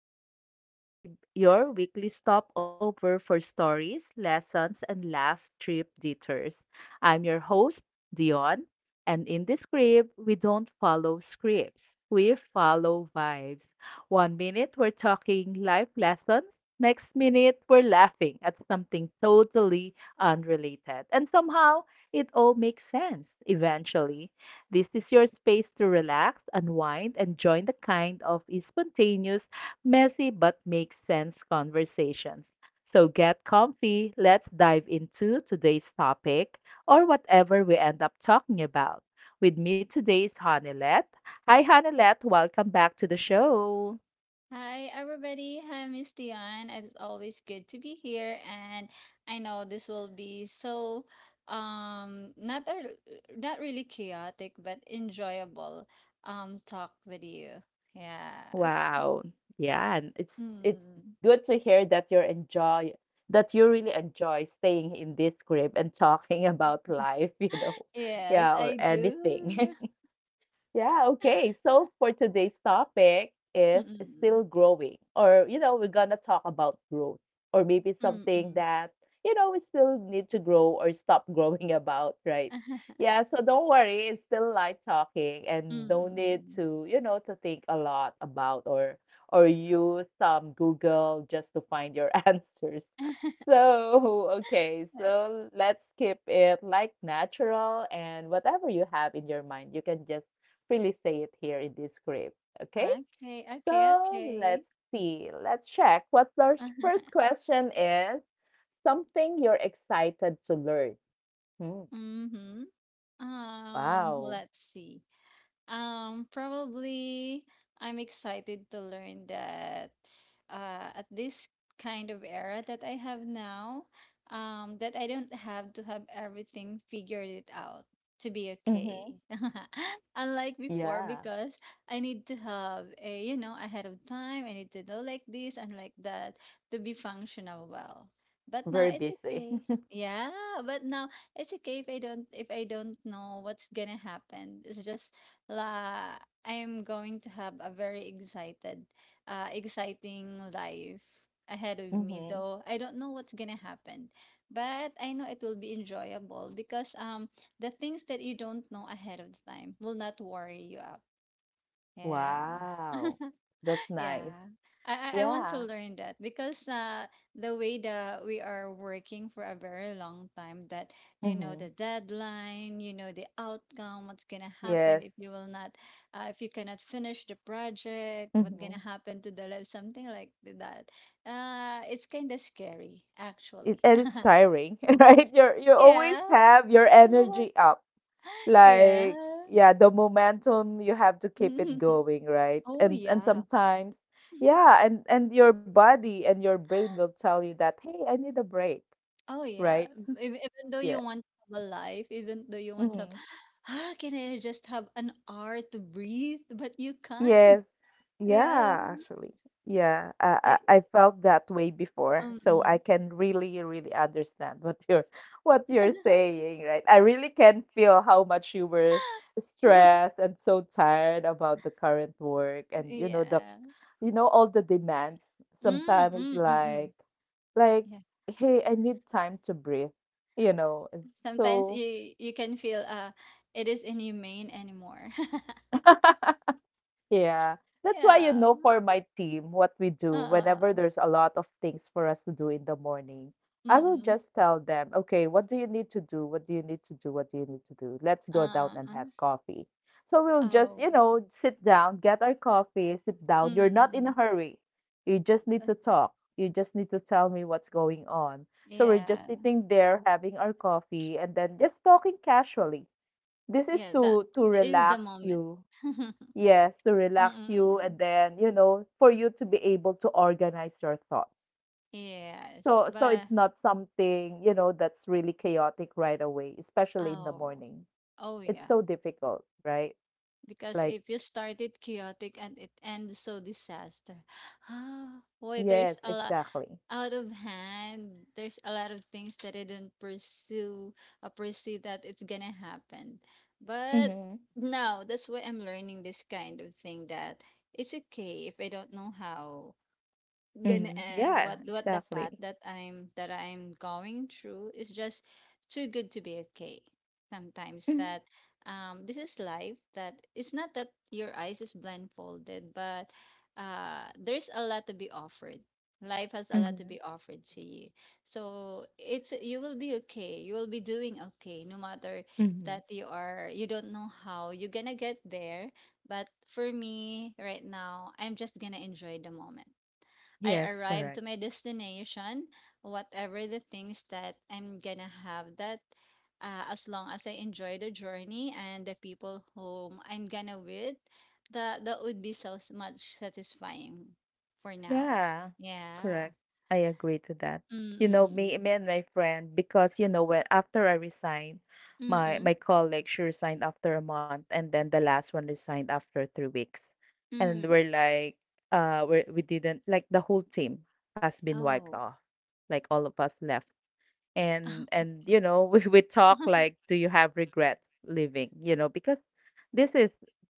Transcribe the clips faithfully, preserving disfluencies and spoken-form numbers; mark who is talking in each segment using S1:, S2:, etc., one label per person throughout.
S1: to the Yon Scribe, your weekly stopover for stories, lessons, and laugh trip detours. I'm your host, Dion, and in this scribe, we don't follow scripts. We follow vibes. One minute, we're talking life lessons. Next minute, we're laughing at something totally unrelated. And somehow, it all makes sense eventually. This is your space to relax, unwind, and join the kind of spontaneous, messy but makes sense conversations. So get comfy. Let's dive into today's topic or whatever we end up talking about. With me today is Hanilette. Hi, Hanilette. Welcome back to the show.
S2: Hi, everybody. Hi, Miss Dion. It's always good to be here, and I know this will be so um not a, not really chaotic, but enjoyable um talk with you. Yeah.
S1: Wow. Yeah, and it's it's
S2: Mm.
S1: good to hear that you're enjoy that you really enjoy staying in this crib and talking about life, you know.
S2: Yes,
S1: Yeah, or
S2: I do.
S1: anything. Yeah, okay. So for today's topic is
S2: Mm-mm.
S1: still growing, or you know, we're gonna talk about growth, or maybe something
S2: Mm-mm.
S1: that you know we still need to grow or stop growing about, right? Yeah, so don't worry, it's still light talking and no need
S2: Mm-mm.
S1: to, you know, to think a lot about or or use some Google just to find your answers. So, okay, so let's keep it like natural and whatever you have in your mind, you can just freely say it here in this script. Okay,
S2: Okay,
S1: so
S2: okay,
S1: let's
S2: okay.
S1: see. Let's check. What's our s- first question? Is something you're excited to learn? Hmm.
S2: Mm-hmm. Um,
S1: Wow.
S2: let's see. Um, probably I'm excited to learn that uh, at this kind of era that I have now, um, that I don't have to have everything figured it out to be okay.
S1: Mm-hmm.
S2: Unlike before,
S1: Yeah.
S2: because I need to have a, you know, ahead of time, I need to know like this and like that to be functional well. But now
S1: Very
S2: it's
S1: busy.
S2: okay. Yeah, but now it's okay if I don't if I don't know what's gonna happen. It's just La, I am going to have a very excited, uh, exciting life ahead of me,
S1: Mm-hmm.
S2: though I don't know what's gonna happen. But I know it will be enjoyable because um the things that you don't know ahead of time will not worry you up. Yeah.
S1: Wow. That's nice.
S2: Yeah, I I I want
S1: Yeah.
S2: to learn that because uh the way that we are working for a very long time that you know the
S1: Mm-hmm.
S2: deadline, you know the outcome, what's gonna happen
S1: Yes.
S2: if you will not, uh, if you cannot finish the project, what's
S1: Mm-hmm.
S2: gonna happen to the life, something like that. Uh, it's kind of scary
S1: It,
S2: actually.
S1: and it's tiring, right? You're you always
S2: Yeah.
S1: have your energy up like
S2: Yeah.
S1: yeah, the momentum you have to keep it going, right?
S2: Oh
S1: And and
S2: yeah.
S1: sometimes yeah, and and your body and your brain will tell you that, hey, I need a break,
S2: Oh yeah,
S1: right?
S2: ev- even though
S1: Yeah.
S2: you want to have a life, even though you want to have,
S1: Hmm.
S2: ah, can I just have an hour to breathe? But you can't.
S1: Yes.
S2: Yeah.
S1: Yeah, actually yeah, I,
S2: It,
S1: I i felt that way before,
S2: um.
S1: so I
S2: mm.
S1: can really really understand what you're what you're saying, right? I really can feel how much you were stressed and so tired about the current work, and you know the
S2: Yeah.
S1: you know all the demands.
S2: Mm,
S1: Sometimes it's
S2: mm, mm, mm.
S1: like like
S2: Yeah.
S1: hey, I need time to breathe, you know, and
S2: Sometimes
S1: so
S2: you you can feel uh it is inhumane anymore.
S1: Yeah. That's why, you
S2: Yeah.
S1: know, for my team, what we do whenever
S2: Uh.
S1: there's a lot of things for us to do in the morning, I will
S2: Mm.
S1: just tell them, okay, what do you need to do? What do you need to do? What do you need to do? Let's go down
S2: Uh.
S1: and
S2: uh,
S1: have coffee. So we'll just,
S2: Oh.
S1: you know, sit down, get our coffee, sit down. You're not in a
S2: Mm.
S1: hurry. You just need
S2: uh,
S1: to talk. You just need to tell me what's going on. So we're just
S2: Yeah.
S1: sitting there having our coffee and then just talking casually. This is
S2: Yeah. That
S1: to to
S2: is the
S1: relax
S2: moment.
S1: you. Yes, to
S2: Mm,
S1: relax you and
S2: mm.
S1: then, you know, for you to be able to organize your thoughts.
S2: Yes,
S1: So so
S2: but
S1: it's not something, you know, that's really chaotic right away, especially in the
S2: oh,
S1: morning.
S2: oh
S1: It's
S2: yeah.
S1: so difficult, right?
S2: Because
S1: Like,
S2: if you start it chaotic and it ends so disaster, ah, boy, there's
S1: yes,
S2: a lot
S1: exactly.
S2: out of hand. There's a lot of things that I didn't pursue, or pursue that it's gonna happen. But
S1: Mm-hmm.
S2: now that's why I'm learning this kind of thing that it's okay if I don't know how. Gonna
S1: Mm-hmm.
S2: end
S1: Yeah,
S2: what what the path
S1: exactly.
S2: that i'm that i'm going through is just too good to be okay sometimes
S1: Mm-hmm.
S2: that um this is life that it's not that your eyes is blindfolded but uh there's a lot to be offered, life has a lot to be offered to you. So it's you will be okay, you will be doing okay no matter
S1: Mm-hmm.
S2: that you are you don't know how you're gonna get there. But for me right now I'm just gonna enjoy the moment I
S1: Yes,
S2: arrived to
S1: correct.
S2: my destination, whatever the things that I'm gonna have that uh, as long as I enjoy the journey and the people whom I'm gonna with, that that would be so s- much satisfying for now.
S1: Yeah,
S2: Yeah.
S1: correct. I agree to that. You know,
S2: Mm-mm.
S1: me, me and my friend, because you know, when after I resigned, my
S2: Mm-mm.
S1: my colleague she resigned after a month, and then the last one resigned after three weeks, and
S2: Mm.
S1: we're like, uh, we we didn't, like, the whole team has been wiped
S2: Oh.
S1: off, like all of us left, and and you know, we we talk like, do you have regrets leaving? You know, because this is,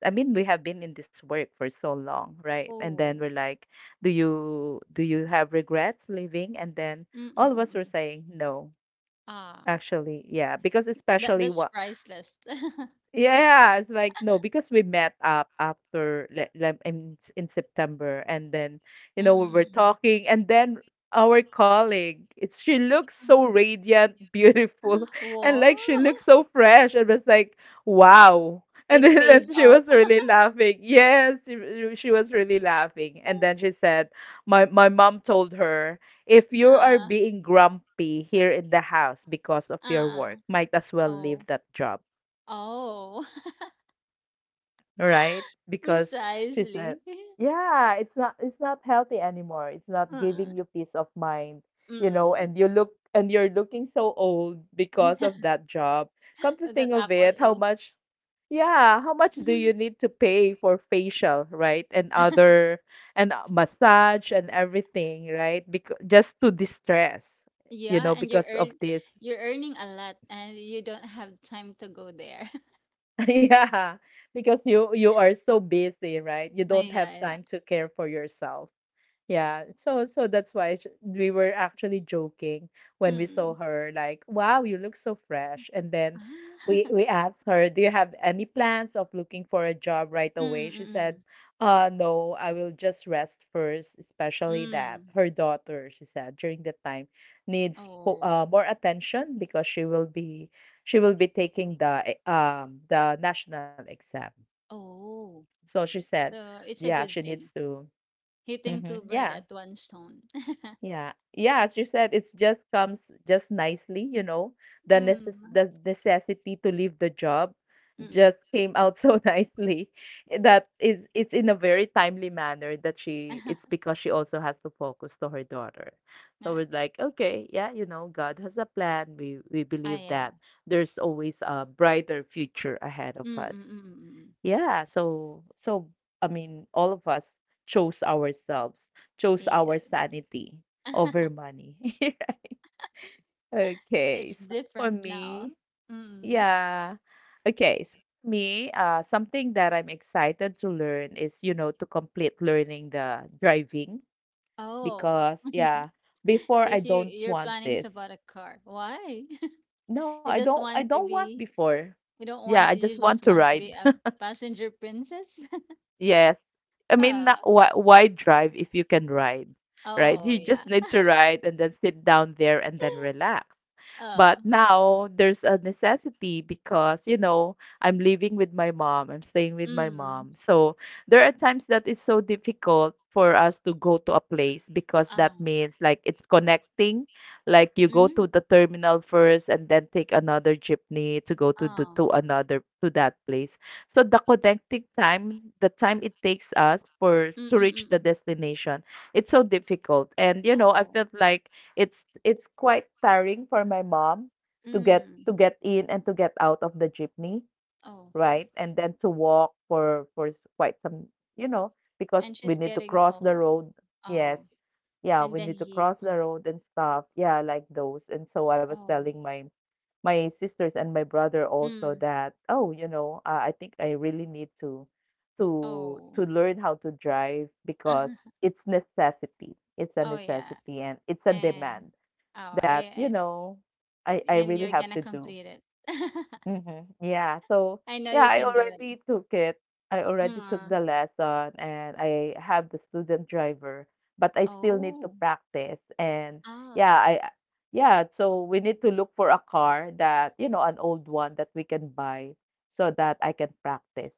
S1: I mean, we have been in this work for so long, right? And then
S2: Oh.
S1: we're like, do you do you have regrets leaving? And then all of us were
S2: Mm-mm.
S1: saying no,
S2: Ah,
S1: actually, yeah, because
S2: that
S1: especially
S2: that's
S1: what
S2: priceless.
S1: yeah, it's like no, because we met up after le- le- in in September, and then you know we were
S2: Mm-mm.
S1: talking, and then our colleague, it, she looks so radiant, beautiful, and
S2: Wow.
S1: like she looks so fresh. It was like wow, and
S2: It
S1: then and
S2: pays
S1: she
S2: off.
S1: was really laughing. Yes, she, she she was really laughing, and then she said, "My my mom told her if you are
S2: Ah.
S1: being grumpy here in the house because of your
S2: Uh,
S1: work, might as well leave
S2: oh,
S1: that job."
S2: oh,
S1: Right? Because she said,
S2: precisely.
S1: "Yeah, it's not it's not healthy anymore. It's not
S2: Uh,
S1: giving you peace of mind, you know,
S2: mm.
S1: and you look and you're looking so old because of that job. Come to
S2: That
S1: think of
S2: apple
S1: it, how
S2: is.
S1: much yeah, how much do you need to pay for facial, right? And other and uh, massage and everything, right? Because just to distress, you
S2: Yeah,
S1: know,
S2: and you're
S1: because of
S2: earn
S1: this."
S2: you're earning a lot, and you don't have time to go there.
S1: Yeah, because you you are so busy, right? You
S2: Ah,
S1: don't
S2: yeah,
S1: have
S2: yeah.
S1: time to care for yourself. Yeah, so so that's why sh- we were actually joking when we saw
S2: Mm.
S1: her, like, "Wow, you look so fresh." And then we
S2: Ah,
S1: we asked her, "Do you have any plans of looking for a job right
S2: mm,
S1: away?" She
S2: mm,
S1: said,
S2: mm.
S1: "Uh, no, I will just rest first, especially that
S2: Mm.
S1: her daughter," she said, "during that time needs fo-
S2: Oh,
S1: uh, more attention because she will be she will be taking the e- um the national exam."
S2: oh.
S1: So she said,
S2: So it's a
S1: "Yeah, she
S2: good
S1: needs
S2: thing.
S1: to."
S2: Hitting
S1: Hmm.
S2: two bird
S1: Yeah.
S2: at one stone.
S1: Yeah. Yeah, as you said, it just comes just nicely, you know. The necess
S2: Mm.
S1: the necessity to leave the job
S2: Mm.
S1: just came out so nicely, that is, it's in a very timely manner that she it's because she also has to focus to her daughter. So we're like, okay, yeah, you know, God has a plan. We we
S2: Ah,
S1: believe
S2: yeah.
S1: that there's always a brighter future ahead of
S2: Mm,
S1: us.
S2: mm, mm, mm. Mm.
S1: Yeah, so so I mean, all of us chose ourselves, chose
S2: Yeah.
S1: our sanity over money. Okay,
S2: It's
S1: so for
S2: different now.
S1: me,
S2: Mm.
S1: yeah. Okay, so for me, uh, something that I'm excited to learn is, you know, to complete learning the driving
S2: Oh,
S1: because yeah, before I
S2: because you
S1: don't
S2: you're
S1: want
S2: planning to
S1: this.
S2: buy a car. Why?
S1: No, I
S2: You
S1: don't
S2: just
S1: I
S2: want
S1: don't
S2: to
S1: want
S2: be.
S1: before.
S2: You don't
S1: Yeah, I
S2: want.
S1: just
S2: You
S1: want
S2: just
S1: to
S2: want to be
S1: ride.
S2: a passenger princess.
S1: Yes. I mean,
S2: Uh,
S1: na- why, why drive if you can ride, right?
S2: oh
S1: You
S2: yeah.
S1: just need to ride and then sit down there and then relax.
S2: Uh,
S1: But now there's a necessity because, you know, I'm living with my mom, I'm staying with my
S2: mm,
S1: mom. So there are times that it's so difficult for us to go to a place because that
S2: ah.
S1: means like it's connecting, like you go to
S2: Mm,
S1: the terminal first and then take another jeepney to go to the
S2: oh,
S1: to another to that place. So the connecting time, the time it takes us for
S2: mm,
S1: to
S2: mm,
S1: reach
S2: mm,
S1: the
S2: mm.
S1: destination, it's so difficult. And you know, I
S2: Oh,
S1: felt like it's it's quite tiring for my mom to get
S2: mm,
S1: to get in and to get out of the jeepney,
S2: oh, okay.
S1: right? And then to walk for for s- quite some, you know, because
S2: And
S1: we
S2: she's
S1: need to
S2: getting
S1: cross the
S2: old.
S1: road. Yes.
S2: Oh,
S1: Yeah,
S2: and
S1: we
S2: the
S1: need to
S2: heat.
S1: cross the road and stuff. Yeah, like those. And so I was
S2: Oh,
S1: telling my my sisters and my brother also
S2: mm,
S1: that, oh, you know, uh, I think I really need to to
S2: oh,
S1: to learn how to drive because it's necessity, it's a
S2: oh yeah.
S1: necessity, and it's a
S2: And
S1: demand
S2: oh,
S1: that, you
S2: yeah.
S1: know, I I
S2: And
S1: really
S2: you're
S1: have
S2: gonna
S1: to do.
S2: complete it.
S1: Mhm. Yeah. So,
S2: I know
S1: yeah,
S2: you
S1: I
S2: can do it.
S1: already took it. I already
S2: Mm,
S1: took
S2: uh,
S1: the lesson and I have the student driver, but I still need to
S2: oh,
S1: practice. And
S2: ah,
S1: yeah, I yeah, so we need to look for a car that, you know, an old one that we can buy so that I can practice.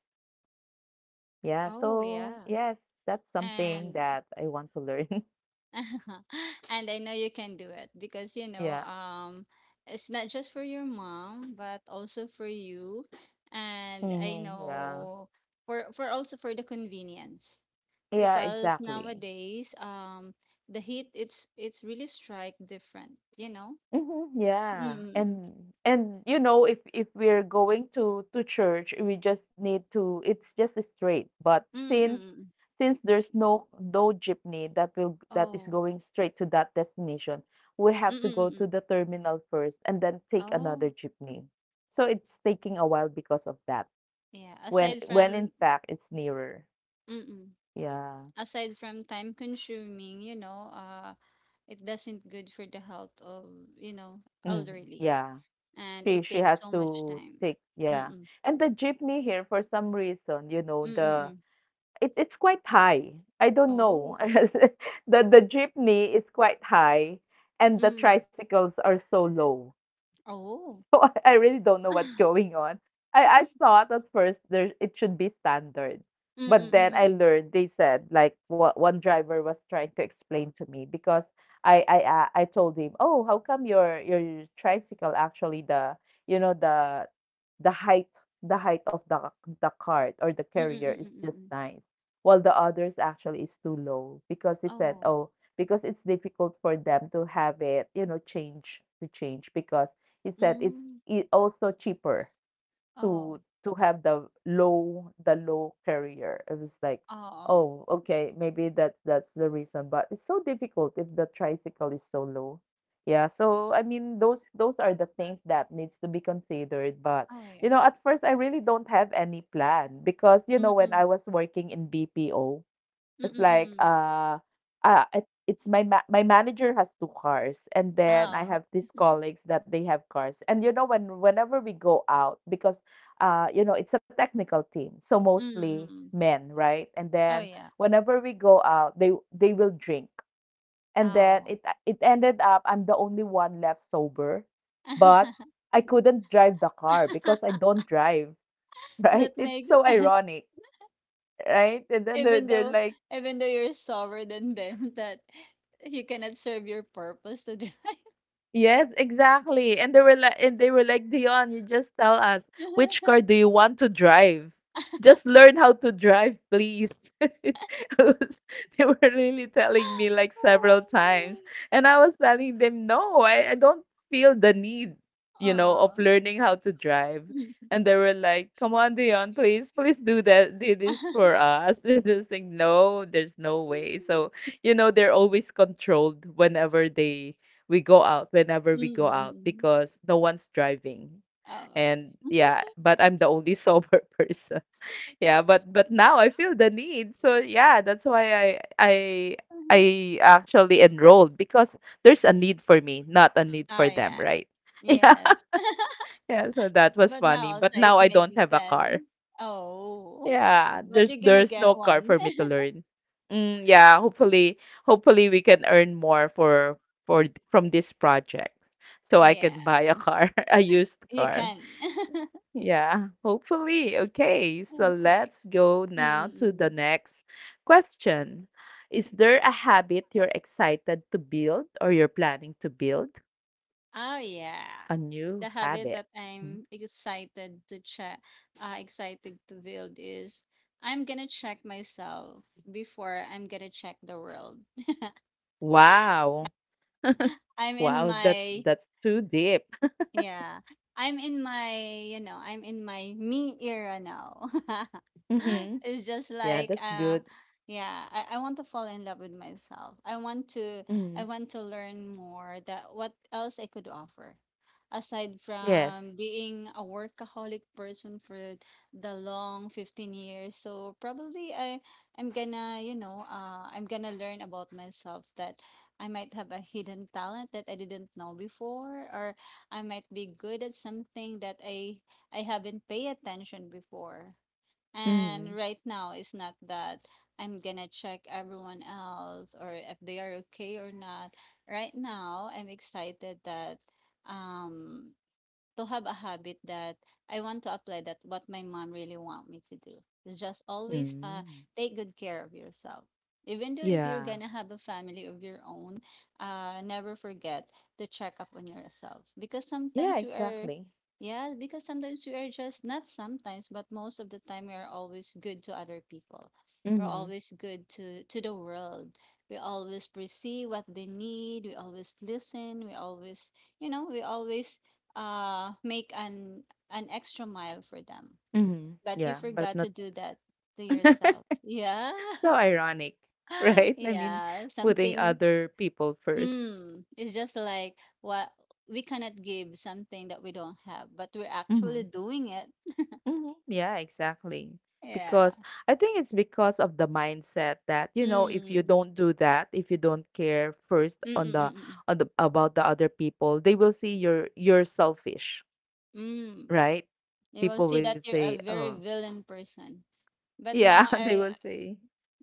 S1: Yeah.
S2: oh
S1: So,
S2: yeah,
S1: yes, that's something
S2: and
S1: that I want to learn.
S2: and I know you can do it because you know
S1: Yeah.
S2: um it's not just for your mom but also for you, and I
S1: Mhm. Yeah.
S2: know for for also for the convenience
S1: Yeah,
S2: because
S1: exactly.
S2: nowadays um the heat, it's it's really strike different, you know.
S1: Mhm,
S2: Mm,
S1: yeah.
S2: mm,
S1: And and you know if if we're going to to church, we just need to, it's just straight. But
S2: mm, mm,
S1: since
S2: mm, mm.
S1: since there's no no jeepney that will that is
S2: Oh,
S1: going straight to that destination, we
S2: mm,
S1: have to
S2: mm,
S1: go to
S2: mm.
S1: the terminal first and then take
S2: Oh,
S1: another jeepney. So it's taking a while because of that.
S2: yeah.
S1: When
S2: Aside
S1: when
S2: from
S1: in fact it's nearer.
S2: mm-mm.
S1: Yeah.
S2: Aside from time consuming, you know, uh, it doesn't good for the health of, you know,
S1: Mhm,
S2: elderly,
S1: yeah.
S2: and
S1: She
S2: it
S1: she
S2: takes
S1: has
S2: so much
S1: to
S2: time.
S1: take, yeah.
S2: Mm-mm.
S1: And the jeepney here for some reason, you know, the
S2: Mm-mm.
S1: It it's quite high. I don't know.
S2: Oh.
S1: The the jeepney is quite high and the
S2: Mm.
S1: tricycles are so low.
S2: Oh.
S1: So I, I really don't know what's going on. I, I thought at first there it should be standard. But then I
S2: Mm-mm.
S1: learned they said like what one driver was trying to explain to me because I I uh, I told him, "Oh, how come your your tricycle actually the you know the the height the height of the the cart or the carrier is just
S2: Mm-mm.
S1: nice while the others actually is too low?" Because he said,
S2: Oh.
S1: "Oh, because it's difficult for them to have it, you know, change to change because," he said, "it's
S2: Mm.
S1: it also cheaper
S2: Oh.
S1: to to have the low the low carrier." It was like,
S2: Oh.
S1: oh, okay, maybe that that's the reason. But it's so difficult if the tricycle is so low. Yeah, so I mean those those are the things that needs to be considered. But
S2: Oh
S1: you
S2: yeah.
S1: know, at first I really don't have any plan because you know when I
S2: Mm-mm.
S1: was working in B P O, it's like
S2: Mm-mm.
S1: uh, uh it, it's my ma- my manager has two cars, and then I
S2: Oh.
S1: have these colleagues that they have cars. And you know when whenever we go out, because uh you know it's a technical team, so mostly
S2: Mm.
S1: men, right? And
S2: Oh
S1: then
S2: yeah.
S1: whenever we go out, they they will drink, and then
S2: Oh.
S1: it uh, it ended up I'm the only one left sober, but I couldn't drive the car because I don't drive, right?
S2: That
S1: It's
S2: makes
S1: so
S2: sense.
S1: ironic, right? And then they're
S2: Even
S1: they're
S2: though,
S1: like.
S2: even though you're sober than them, that you cannot serve your purpose to drive.
S1: Yes, exactly. And they were like, and they were like, Dion, you just tell us which car do you want to drive. Just learn how to drive, please. I was- They were really telling me like several times, and I was telling them, no, I, I don't feel the need, you know, of
S2: Oh.
S1: learning how to drive.
S2: Mm.
S1: And they were like, come on, Dion, please, please do that, do this for us. And I was like, no, there's no way. So, you know, they're always controlled whenever they we go out whenever we go out
S2: Mm-mm-mm.
S1: because no one's driving.
S2: Oh.
S1: And
S2: Mhm.
S1: yeah, but I'm the only sober person. Yeah, but but
S2: But-
S1: now I feel the need. So yeah, that's why I I I actually enrolled because there's a need for me, not a need for
S2: Ah,
S1: them,
S2: yeah.
S1: right? Yeah.
S2: Yes.
S1: Yeah, so that was
S2: But now
S1: funny.
S2: also
S1: But
S2: it
S1: now I
S2: makes
S1: don't have a car.
S2: sense. Oh.
S1: Yeah, there's
S2: But you're
S1: there's
S2: gonna
S1: no
S2: get
S1: car for
S2: one.
S1: me to learn. Mm, yeah, hopefully hopefully we can earn more for for th- from this project so I
S2: Yeah.
S1: can buy a car, a used
S2: You
S1: car.
S2: can.
S1: Yeah, hopefully. Okay, so
S2: Okay.
S1: let's go now to the
S2: Mm-mm.
S1: next question. Is there a habit you're excited to build or you're planning to build
S2: Oh yeah.
S1: a new
S2: The habit
S1: habit?
S2: that
S1: Mm.
S2: I'm excited to check, uh, excited to build is I'm gonna check myself before I'm gonna check the world.
S1: Wow.
S2: I'm in
S1: Wow, that's
S2: my
S1: that's too deep.
S2: yeah. I'm in my, you know, I'm in my me era now.
S1: Mm-hmm.
S2: It's just
S1: Yeah,
S2: like
S1: that's
S2: uh
S1: good.
S2: yeah, I, I want to fall in love with myself. I want to I
S1: Mhm.
S2: want to learn more that what else I could offer aside
S1: Yes.
S2: from being a workaholic person for the long fifteen years. So probably I I'm gonna, you know, uh I'm gonna learn about myself that I might have a hidden talent that I didn't know before, or I might be good at something that I I haven't paid attention before. And
S1: Mhm.
S2: right now it's not that I'm gonna check everyone else or if they are okay or not. Right now I'm excited that um to have a habit that I want to apply that what my mom really want me to do is just always uh
S1: Mm.
S2: take good care of yourself. Even though if you're
S1: Yeah.
S2: gonna have a family of your own, uh never forget to check up on yourself because sometimes
S1: Yeah,
S2: we are
S1: exactly.
S2: yeah, because sometimes we are just not sometimes, but most of the time we are always good to other people. We're
S1: Mhm.
S2: always good to to the world. We always perceive what they need. We always listen. We always you know, we always uh make an an extra mile for them
S1: Mhm.
S2: but you
S1: Yeah, but
S2: forgot to
S1: not.
S2: do that to yourself. Yeah.
S1: So ironic, right? I mean,
S2: yeah,
S1: putting
S2: something.
S1: other people first.
S2: Mm, it's just like what we cannot give something that we don't have but we're actually
S1: Mhm.
S2: doing it.
S1: Mhm. Yeah, exactly.
S2: Yeah,
S1: Because I think it's because of the mindset that, you know, if you
S2: mm,
S1: don't do that, if you don't care first
S2: mm,
S1: on
S2: mm,
S1: the,
S2: mm, mm.
S1: on the about the other people, they will see you're you're selfish,
S2: Mm. Mm.
S1: right?
S2: You will
S1: People
S2: see
S1: will
S2: that you're
S1: say,
S2: a
S1: "Oh,
S2: very villain person, but
S1: yeah,"
S2: now
S1: they
S2: I
S1: will say.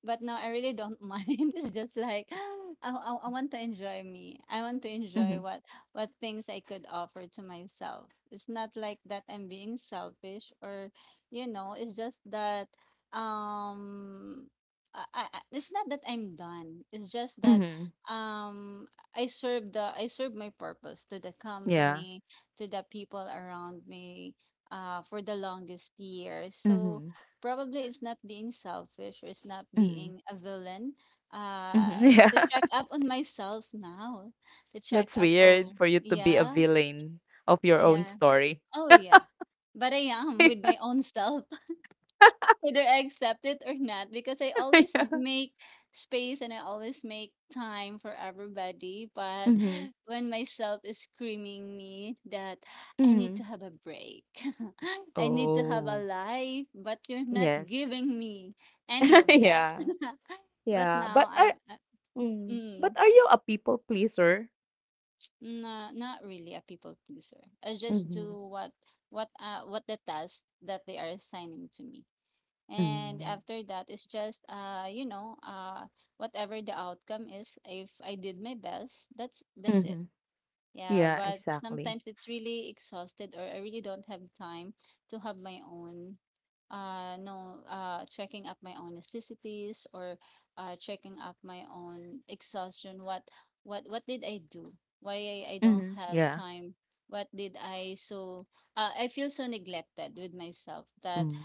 S2: But no, I really don't mind. It's just like I, I I want to enjoy me. I want to
S1: Mhm.
S2: enjoy what what things I could offer to myself. It's not like that I'm being selfish or you know, it's just that um I, I I- it's not that I'm done. It's just that
S1: Mhm.
S2: um I serve the I serve my purpose to the
S1: Yeah.
S2: company, to the people around me uh for the longest years. So
S1: Mhm.
S2: probably it's not being selfish or it's not
S1: Mhm.
S2: being a villain
S1: Mhm.
S2: uh
S1: Yeah.
S2: to check up on myself now to check
S1: That's
S2: up
S1: weird
S2: oh
S1: for you to be a
S2: yeah
S1: villain of your own
S2: yeah
S1: story.
S2: oh yeah but I am with my own self whether I accept it or not because I always
S1: Yeah.
S2: make space and I always make time for everybody. But
S1: Mhm.
S2: when myself is screaming me that I need
S1: Mhm.
S2: to have a break, I need to have a
S1: Oh.
S2: life, but you're not
S1: Yes.
S2: giving me any of that.
S1: Yeah.
S2: But
S1: Yeah.
S2: now
S1: But are
S2: I'm. Uh,
S1: Mm, but
S2: Mm,
S1: are you a people pleaser?
S2: no, not really a people pleaser. I just
S1: Mhm.
S2: do what what uh what the task that they are assigning to me. And
S1: Mm.
S2: after that, it's just uh, you know, uh, whatever the outcome is, if I did my best, that's that's it.
S1: Mhm.
S2: Yeah,
S1: Yeah,
S2: but
S1: exactly.
S2: sometimes it's really exhausted, or I really don't have time to have my own uh no uh checking up my own elasticities or uh checking up my own exhaustion. What what what did I do? Why I, I don't
S1: Mhm.
S2: have
S1: Yeah.
S2: time? What did I so uh, I feel so neglected with myself that
S1: Mm.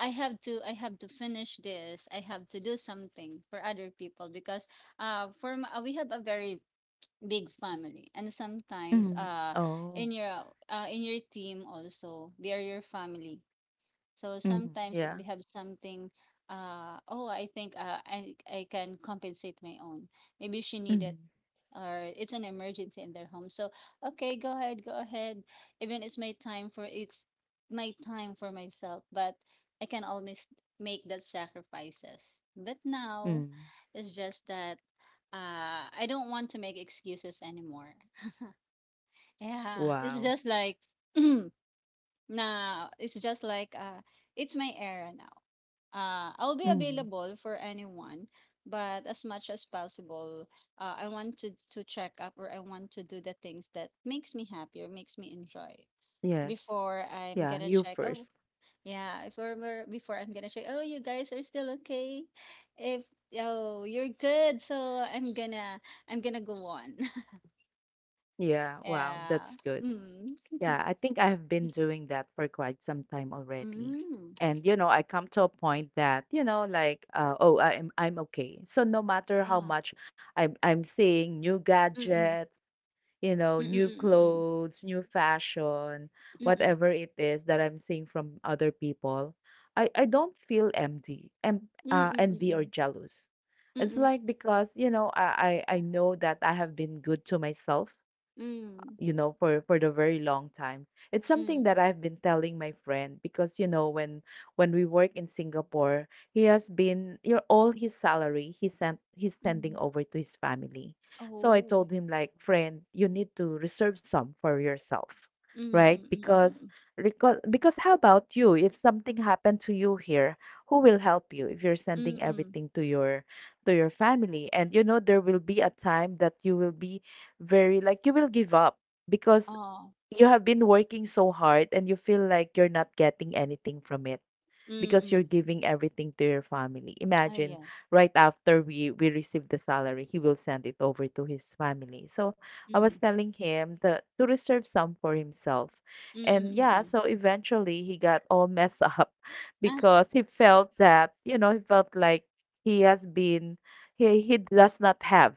S2: I have to I have to finish this. I have to do something for other people because uh for m- uh, we have a very big family and sometimes
S1: Mhm.
S2: uh
S1: Oh.
S2: in your uh in your team also they are your family. So
S1: Mhm.
S2: sometimes if
S1: Yeah.
S2: they have something uh oh I think uh I I can compensate my own. Maybe she needed
S1: Mhm.
S2: or it's an emergency in their home. So okay, go ahead, go ahead. Even it's my time for it's my time for myself, but I can always make that sacrifices. But now
S1: Mm.
S2: it's just that uh I don't want to make excuses anymore. Yeah, it's
S1: Wow.
S2: just like now it's just like uh it's my era now. Uh, I'll be
S1: Mhm.
S2: available for anyone, but as much as possible, uh, I want to to check up, or I want to do the things that makes me happy or makes me enjoy
S1: Yes.
S2: before
S1: Yeah,
S2: I'm
S1: you
S2: gonna check.
S1: first.
S2: Oh, yeah, if we're, we're- before I'm gonna check. Oh, you guys are still okay. If Oh, you're good, so I'm gonna I'm gonna go on.
S1: Yeah, wow,
S2: Yeah.
S1: that's good.
S2: Mm.
S1: Yeah, I think I've been doing that for quite some time already.
S2: Mm.
S1: And you know, I come to a point that, you know, like uh, oh, I'm I'm okay. So no matter how
S2: Ah.
S1: much I'm I'm seeing new
S2: Mm-mm.
S1: gadgets, you know, new
S2: Mm-mm.
S1: clothes, new fashion,
S2: Mm-mm.
S1: whatever it is that I'm seeing from other people, I, I don't feel empty, em- uh,
S2: Mm-mm.
S1: envy or
S2: Mm-mm.
S1: jealous. It's
S2: Mm-mm.
S1: like because, you know, I, I I know that I have been good to myself
S2: Mm-mm.
S1: you know for for the very long time. It's something
S2: Mm-mm.
S1: that I've been telling my friend, because you know when when we work in Singapore he has been, you know, all his salary he sent he's sending
S2: Mm-mm.
S1: over to his family. So I
S2: Ồ!
S1: told him like, friend, you need to reserve some for yourself,
S2: Ừm,
S1: right?
S2: ừm, ừm, ừm,
S1: Because
S2: ừm.
S1: because because how about you if something happened to you here? Who will help you if you're
S2: Ừm,
S1: sending
S2: ừm,
S1: everything to your to your family? And you know there will be a time that you will be very like you will give up
S2: ờ,
S1: because you have been working so hard and you feel like you're not getting anything from it
S2: ừm,
S1: because you're
S2: ừm,
S1: giving everything to your family. Imagine
S2: da,
S1: right after we we receive the salary, he will send it over to his family. So I was
S2: ừm,
S1: telling him that to reserve some for himself.
S2: ừm, ừm,
S1: And yeah,
S2: ừm,
S1: so eventually he got all messed up
S2: Á,
S1: because he felt that, you know, he felt like he has been he he does not have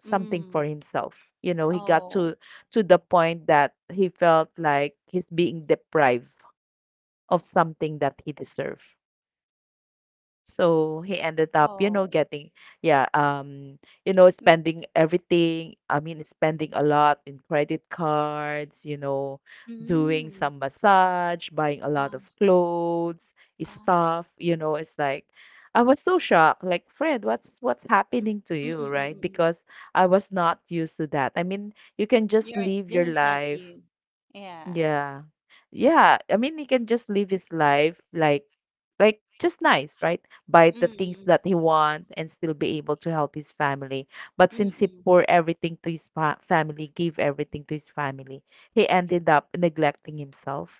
S1: something
S2: ừm,
S1: for himself. You know, he got
S2: ồ,
S1: to to the point that he felt like he's being deprived of something that he deserved. So he ended up,
S2: ồ,
S1: you know, getting, yeah, um, you know,
S2: ừm,
S1: spending everything. I mean, spending a lot in credit cards, you know, doing
S2: ừm,
S1: some massage, buying a
S2: à,
S1: lot of clothes,
S2: à,
S1: stuff, you know, it's like I was so shocked, like, Fred, what's what's happening to
S2: ừm,
S1: you,
S2: ừm, ừm,
S1: right?
S2: ừm.
S1: Because I was not used to that. I mean, you can just
S2: You're right,
S1: live your
S2: this is not
S1: life.
S2: you. Yeah.
S1: Yeah. Yeah. I mean, he can just live his life like, like just nice, right? Buy the
S2: Ừm,
S1: things
S2: ừm,
S1: that he wants and still be able to help his family. But
S2: ừm, ừm,
S1: since he
S2: ừm,
S1: poured everything to his fa family, gave everything to his family, he ended up neglecting himself.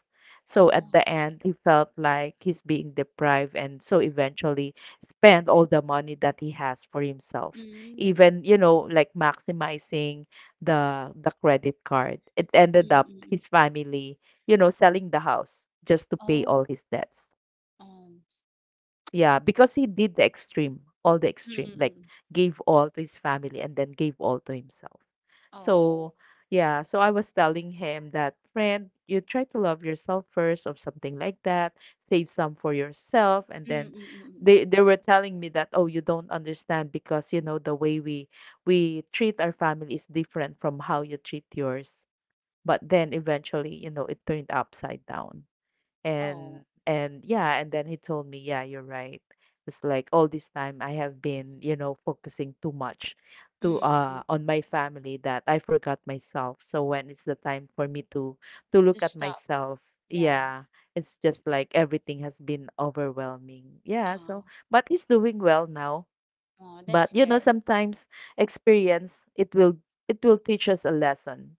S1: So at the end, he felt like he's being deprived, and so eventually spent all the money that he has for himself.
S2: ừm, ừm,
S1: Even, you know, like maximizing the the credit card. It ended
S2: ừm,
S1: up
S2: ừm.
S1: his family, you know, selling the house just to
S2: Ồ,
S1: pay all his debts.
S2: ờ,
S1: Yeah, because he did the extreme, all the
S2: ừm,
S1: extreme,
S2: ừm,
S1: like
S2: ừm,
S1: gave all to his family and then gave all to himself.
S2: ồ,
S1: So, yeah, so I was telling him that, friend, you try to love yourself first or something like that, save some for yourself. And
S2: ừm,
S1: then
S2: ừm, ừm, ừm, ừm,
S1: they, they were telling me that, oh, you don't understand because, you know, the way we we treat our family is different from how you treat yours. But then eventually, you know, it turned upside down and and yeah, and then he told me, yeah, you're right. It's like all this time I have been, you know, focusing too much to uh on my family that I forgot myself. So when it's the time for me to to
S2: to
S1: look at
S2: stop,
S1: myself,
S2: yeah,
S1: yeah, it's just like everything has been overwhelming.
S2: ờ,
S1: Yeah, so but he's doing well now.
S2: ờ,
S1: But
S2: that's
S1: you know,
S2: good,
S1: sometimes experience it will it will teach us a lesson.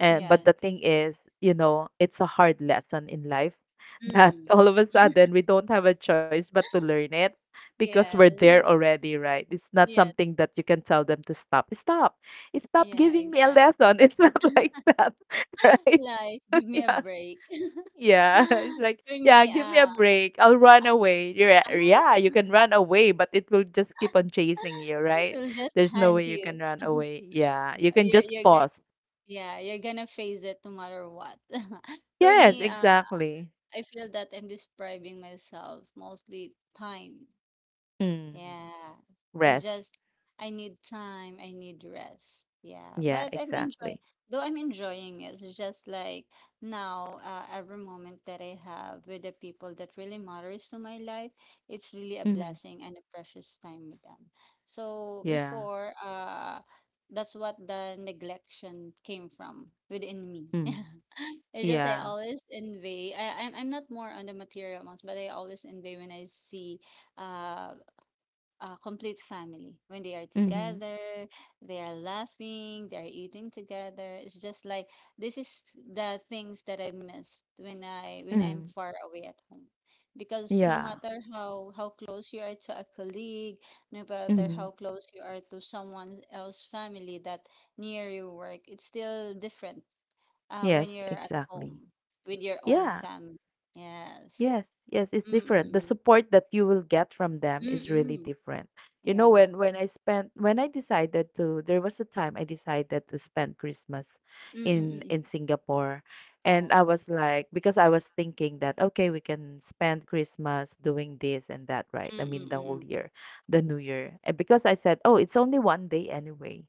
S1: And but
S2: yeah.
S1: the thing is, you know, it's a hard lesson in life that
S2: Mm.
S1: all of a sudden we don't have a choice but to learn it because we're there
S2: Yes.
S1: already, right? It's not
S2: Yes.
S1: something that you can tell them to stop. Stop. Stop
S2: Yeah,
S1: giving me a
S2: exactly.
S1: lesson. It's not like that, right?
S2: Life, give me a
S1: Yeah.
S2: break.
S1: Yeah, it's like,
S2: For
S1: yeah,
S2: me,
S1: give me a
S2: uh,
S1: break. I'll run away. Yeah, yeah, you can run away, but it will just keep on chasing you, right?
S2: it will just
S1: There's no way
S2: hunt
S1: you can
S2: you.
S1: run away. Yeah, you can
S2: You're,
S1: just
S2: you're go-
S1: pause.
S2: yeah, you're gonna face it no matter what. For
S1: Yes,
S2: me, uh,
S1: exactly.
S2: I feel that I'm describing myself mostly time.
S1: Mm.
S2: Yeah. It's
S1: Rest.
S2: just I need time, I need rest. Yeah,
S1: Yeah,
S2: but I'm enjoying
S1: exactly.
S2: though I'm enjoying it. It's just like now uh, every moment that I have with the people that really matters to my life, it's really a
S1: Mm-hmm.
S2: blessing and a precious time with them. So
S1: Yeah.
S2: before uh that's what the neglection came from within me.
S1: Mm.
S2: It's just I
S1: Yeah.
S2: always envy. I, I'm I'm not more on the material ones, but I always envy when I see uh a complete family. When they are
S1: Mm-hmm.
S2: together, they are laughing, they are eating together. It's just like this is the things that I missed when I when I'm
S1: Mm.
S2: far away at home. Because no
S1: Yeah.
S2: matter how how close you are to a colleague, no matter
S1: Mm-hmm.
S2: how close you are to someone else's family that near your work, it's still different uh, when
S1: Yes,
S2: you're at
S1: exactly.
S2: home with your own
S1: Yeah.
S2: family. Yes.
S1: Yes, yes, it's different. The
S2: Mm-mm.
S1: support that you will get from them is really
S2: Mm-mm.
S1: different. You know,
S2: Yeah.
S1: when when I spent when I decided to there was a time I decided to spend Christmas in
S2: Mm-mm.
S1: in Singapore, and I was like, because I was thinking that, okay, we can spend Christmas doing this and that, right? I
S2: Mm, mm,
S1: mean the
S2: mm,
S1: whole
S2: mm.
S1: year, the new year. And because I said, "Oh, it's only one day anyway."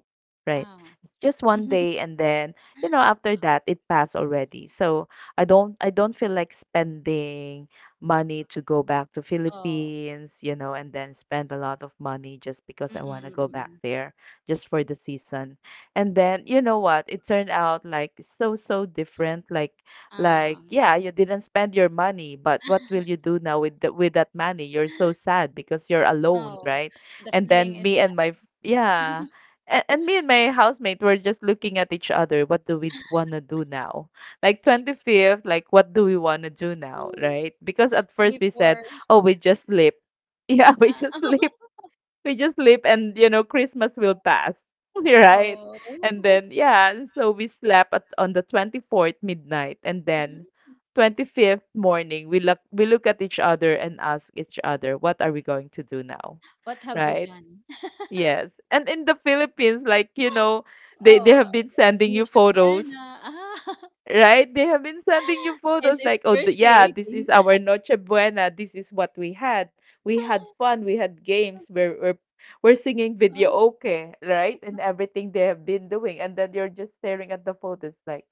S1: Right?
S2: Oh.
S1: It's just one day and then, you know, after that it passed already. So, I don't I don't feel like spending money to go back to
S2: Oh.
S1: Philippines, you know, and then spend a lot of money just because
S2: Mm,
S1: I
S2: mm,
S1: want to
S2: mm,
S1: go
S2: mm,
S1: back
S2: mm.
S1: there just for the season. And then you know what? It turned out like so so different. Like like
S2: Ah.
S1: yeah, you didn't spend your money, but what will you do now with the, with that money? You're so sad because you're alone,
S2: Oh.
S1: right?
S2: The
S1: And
S2: feeling
S1: then
S2: is
S1: me
S2: not
S1: and my Yeah. And, and me and my housemate were just looking at each other. What do we want to do now? Like twenty-fifth, like what do we want to do now,
S2: "Mm,"
S1: right? Because at first we said,
S2: before.
S1: oh, we just sleep. Yeah, we
S2: Ah.
S1: just sleep. We just sleep and, you know, Christmas will pass, right?
S2: Oh.
S1: And then, yeah, and so we slept at, on the twenty-fourth midnight, and then
S2: Mhm.
S1: twenty-fifth morning, we look, we look at each other and ask each other, what are we going to do now,
S2: What have we
S1: right?
S2: done?
S1: Yes. And in the Philippines, like, you know, they, they
S2: Oh,
S1: have been sending you
S2: Nietzsche.
S1: photos.
S2: Ah.
S1: Right? They have been sending you
S2: It's
S1: photos like, oh, th- yeah, this
S2: excruciating.
S1: is our Noche Buena. This is what we had. We had fun. We had games. We're, we're, we're singing video
S2: Ah,
S1: okay, right? And everything they have been doing. And then you're just staring at the photos like,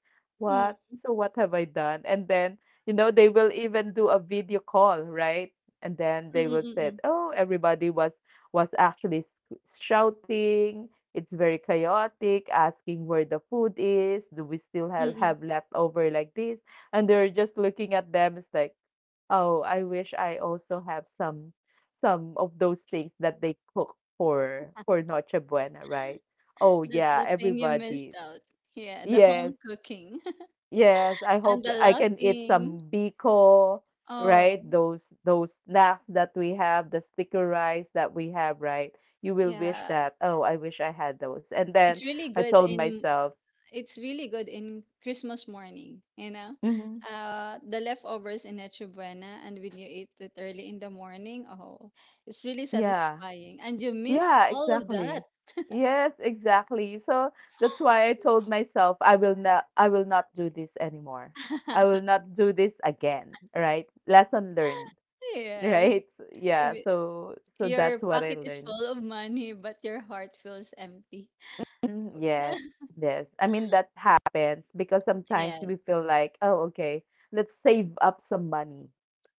S2: mm,
S1: what? So what have I done? And then, you know, they will even do a video call, right? And then
S2: mm,
S1: they will
S2: mm,
S1: say,
S2: mm,
S1: oh, everybody was was actually s- shouting. It's very chaotic, asking where the food is. Do we still
S2: mm,
S1: have,
S2: mm, mm.
S1: have leftover like this? And they're just looking at them. It's like, oh, I wish I also have some some of those things that they cook for for Noche Buena, right? Oh
S2: That's
S1: yeah,
S2: the thing you missed
S1: everybody.
S2: out. Yeah, the
S1: Yes.
S2: home cooking
S1: Yes, I
S2: and
S1: hope
S2: the
S1: I can eat
S2: laughing.
S1: some biko,
S2: Oh,
S1: right? Those those snacks that we have, the sticker rice that we have, right? You will wish
S2: yeah.
S1: that, oh, I wish I had those. And
S2: It's
S1: then
S2: really
S1: I
S2: good
S1: told
S2: in
S1: myself,
S2: it's really good in Christmas morning, you know.
S1: hmm
S2: Uh, the leftovers in Noche Buena, and when you eat it early in the morning, oh, it's really
S1: Yeah,
S2: satisfying. And you miss
S1: yeah,
S2: all of that.
S1: exactly. Yes, exactly. So that's why I told myself I will not I will not do this anymore. I will not do this again, right? Lesson learned,
S2: Yes.
S1: right?
S2: If
S1: Yeah,
S2: it-
S1: so so
S2: Your
S1: that's what I
S2: pocket is
S1: learned.
S2: full of money, but your heart feels empty.
S1: Mm, yes, yes. I mean, that happens because sometimes
S2: Yes.
S1: we feel like, oh, okay, let's save up some money.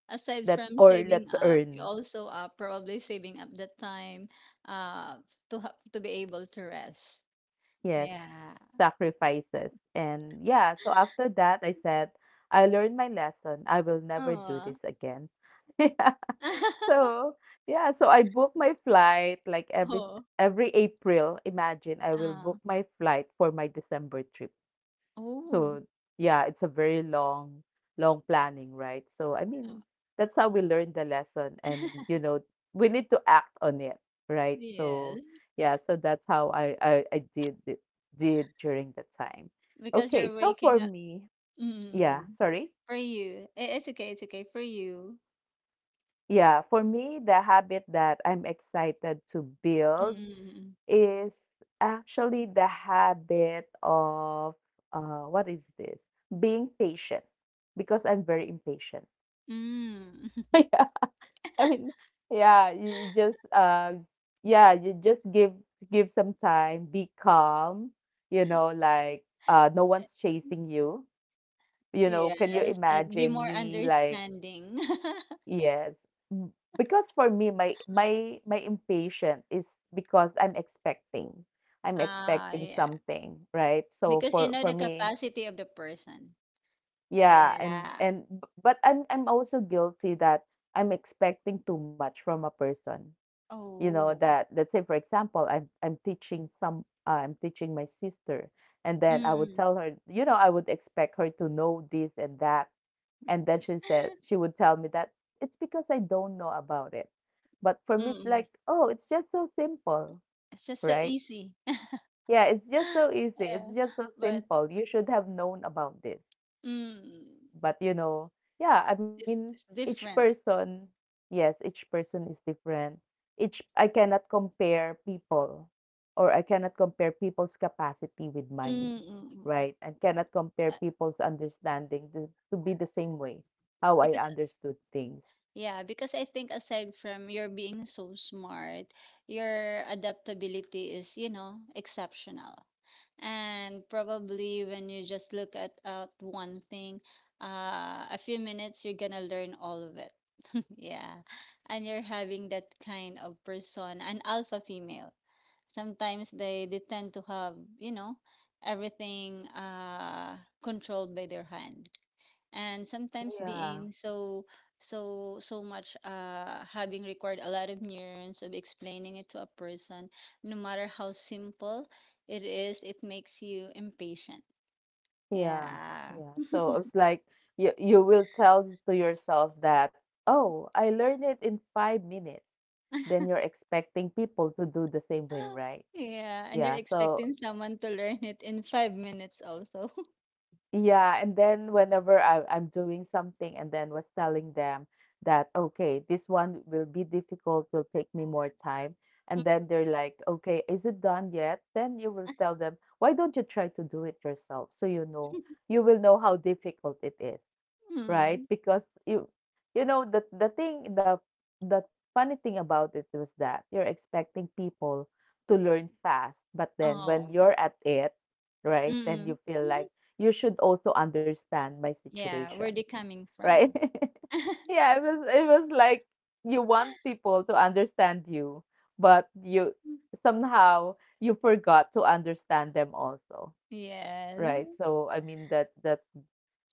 S2: Aside
S1: That's
S2: from
S1: or
S2: saving
S1: let's
S2: up, you
S1: earn,
S2: also are probably saving up the time uh to ha- to be able to rest.
S1: yes,
S2: Yeah.
S1: sacrifices. And yeah, so after that, I said, I learned my lesson. I will never do
S2: Oh.
S1: this again. Yeah. So, yeah, so I booked my flight like every
S2: Oh.
S1: every April. Imagine I will
S2: Uh,
S1: book my flight for my December trip.
S2: oh.
S1: So yeah, it's a very long, long planning, right? So I
S2: Oh.
S1: mean, that's how we learn the lesson, and you know, we need to act on it, right? So
S2: Yes,
S1: yeah, so that's how I I, I did it- did during the time.
S2: because
S1: Okay,
S2: you're
S1: so for
S2: waking up.
S1: me, yeah,
S2: Mm,
S1: sorry,
S2: for you. I- It's okay, it's okay for you.
S1: yeah, for me, the habit that I'm excited to build
S2: Mm.
S1: is actually the habit of uh, what is this? Being patient because I'm very impatient.
S2: Mm.
S1: Yeah, I mean, yeah, you you just uh yeah, you just give give some time, be calm, you know, like uh no one's chasing you. You know, can you
S2: Yes, I'd be
S1: imagine
S2: more
S1: me like
S2: understanding.
S1: yes. Mm. Because for me my my my impatient is because I'm expecting. I'm
S2: Ah,
S1: expecting
S2: yeah.
S1: something, right? So
S2: Because you
S1: for
S2: know the
S1: for me,
S2: capacity of the person.
S1: yeah, and
S2: Yeah.
S1: and b- but I'm I'm also guilty that I'm expecting too much from a person. You know
S2: Oh.
S1: that let's say for example i'm i'm teaching some uh, I'm teaching my sister, and then I would
S2: Mm-mm.
S1: tell her, you know, I would expect her to know this and that. And then she said she would tell me that it's because I don't know about it, but for me it's
S2: Mm-mm.
S1: like, oh, it's just so simple,
S2: It's just so
S1: right?
S2: easy.
S1: Yeah, it's just so easy, it's
S2: Yeah.
S1: just so
S2: But
S1: simple, you should have known about this.
S2: mm.
S1: But, you know, yeah, I
S2: It's,
S1: mean,
S2: it's
S1: each
S2: different.
S1: person, yes, each person is different. Each I cannot compare people or I cannot compare people's capacity with mine,
S2: Mm, mm, mm.
S1: right? And cannot compare
S2: Uh,
S1: people's understanding to, to be the same way how I
S2: because
S1: understood things.
S2: yeah, because I think aside from your being so smart, your adaptability is, you know, exceptional. And probably when you just look at at one thing, uh, a few minutes you're gonna learn all of it. Yeah. And you're having that kind of persona, an alpha female. Sometimes they, they tend to have, you know, everything uh controlled by their hand, and sometimes
S1: Yeah,
S2: being so so so much uh having required a lot of neurons of explaining it to a person no matter how simple it is, it makes you impatient,
S1: yeah,
S2: yeah.
S1: yeah. So it's like you you will tell to yourself that, oh, I learned it in five minutes. Then you're expecting people to do the same way, right?
S2: Yeah, and you're
S1: Yeah, so
S2: expecting someone to learn it in five minutes also.
S1: yeah, and then whenever I, I'm doing something and then was telling them that, okay, this one will be difficult, will take me more time. And then they're like, okay, is it done yet? Then you will tell them, why don't you try to do it yourself? So you know, you will know how difficult it is. Right?
S2: Mm.
S1: Because you you know the the thing the the funny thing about it was that you're expecting people to learn fast, but then when
S2: Oh.
S1: you're at it, right, then
S2: Mm.
S1: you feel like
S2: Mhm.
S1: you should also understand my
S2: Yeah,
S1: situation,
S2: where they coming
S1: right?
S2: from?
S1: yeah, it was it was like you want people to understand you, but you somehow you forgot to understand them also,
S2: Yes,
S1: right? So I mean that that's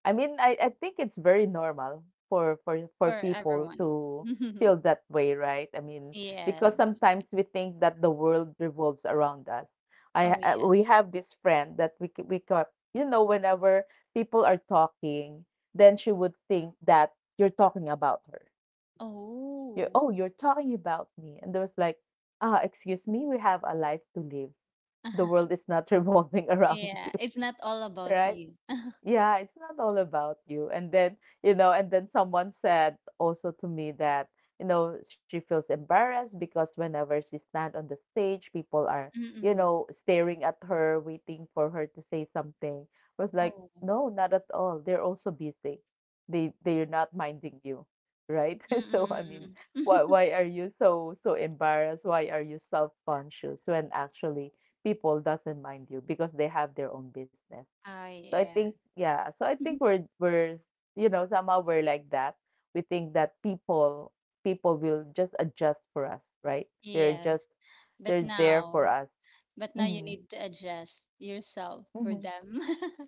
S1: I mean, I, I think it's very normal for for for
S2: for
S1: people
S2: everyone.
S1: to feel that way, right? I mean, because
S2: Yes.
S1: sometimes we think that the world revolves around us. I
S2: Oh,
S1: ha- uh, we
S2: yes.
S1: have this friend that we ca- we ca- you know, whenever people are talking, then she would think that you're talking about her. You,
S2: Oh.
S1: oh, you're talking about me, and there was like, ah, excuse me, we have a life to live. The world is not revolving around you,
S2: Yeah, it's not all about
S1: right?
S2: you.
S1: Yeah, it's not all about you. And then, you know, and then someone said also to me that, you know, she feels embarrassed because whenever she stand on the stage, people are, you
S2: Mm-mm.
S1: know, staring at her, waiting for her to say something. I was like,
S2: Oh.
S1: no, not at all. They're also busy. They they're not minding you, right? So I mean,
S2: Mm-mm-mm.
S1: why why are you so so embarrassed? Why are you self-conscious when actually people doesn't mind you because they have their own business.
S2: Oh,
S1: So I
S2: yeah.
S1: think yeah, so I think we're we're you know, somehow we're like that. We think that people people will just adjust for us, right? They're
S2: Yes,
S1: just
S2: but
S1: they're there for
S2: now,
S1: us.
S2: but now you
S1: Hmm.
S2: need to adjust yourself for
S1: Hmm.
S2: them.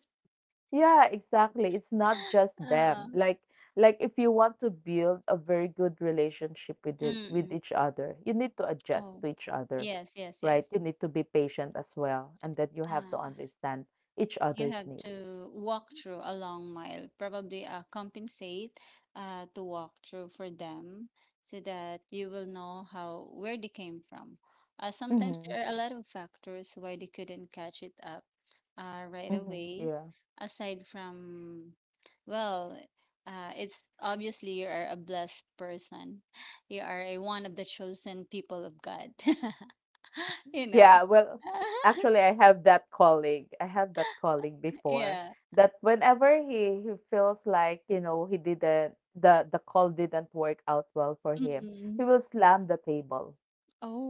S1: Yeah, exactly. It's not just
S2: Uh,
S1: them. Like like if you want to build a very good relationship with it, with
S2: mm-mm.
S1: each other, you need to adjust
S2: Oh,
S1: to each other,
S2: yes, yes, yes.
S1: right? You need to be patient as well, and then you have to
S2: Uh-uh.
S1: understand each
S2: You
S1: other's
S2: have
S1: needs.
S2: to walk through a long mile, probably uh, compensate, uh, to walk through for them so that you will know how where they came from. Uh, sometimes
S1: Mm-hmm.
S2: there are a lot of factors why they couldn't catch it up uh, right
S1: Mm-hmm.
S2: away,
S1: Yeah.
S2: aside from, well, uh, it's obviously you are a blessed person. You are a, one of the chosen people of God. You know?
S1: Yeah, well, actually, I have that colleague. I have that colleague before
S2: Yeah.
S1: that whenever he he feels like, you know, he didn't, the the call didn't work out well for him, he
S2: Mhm.
S1: will slam the table.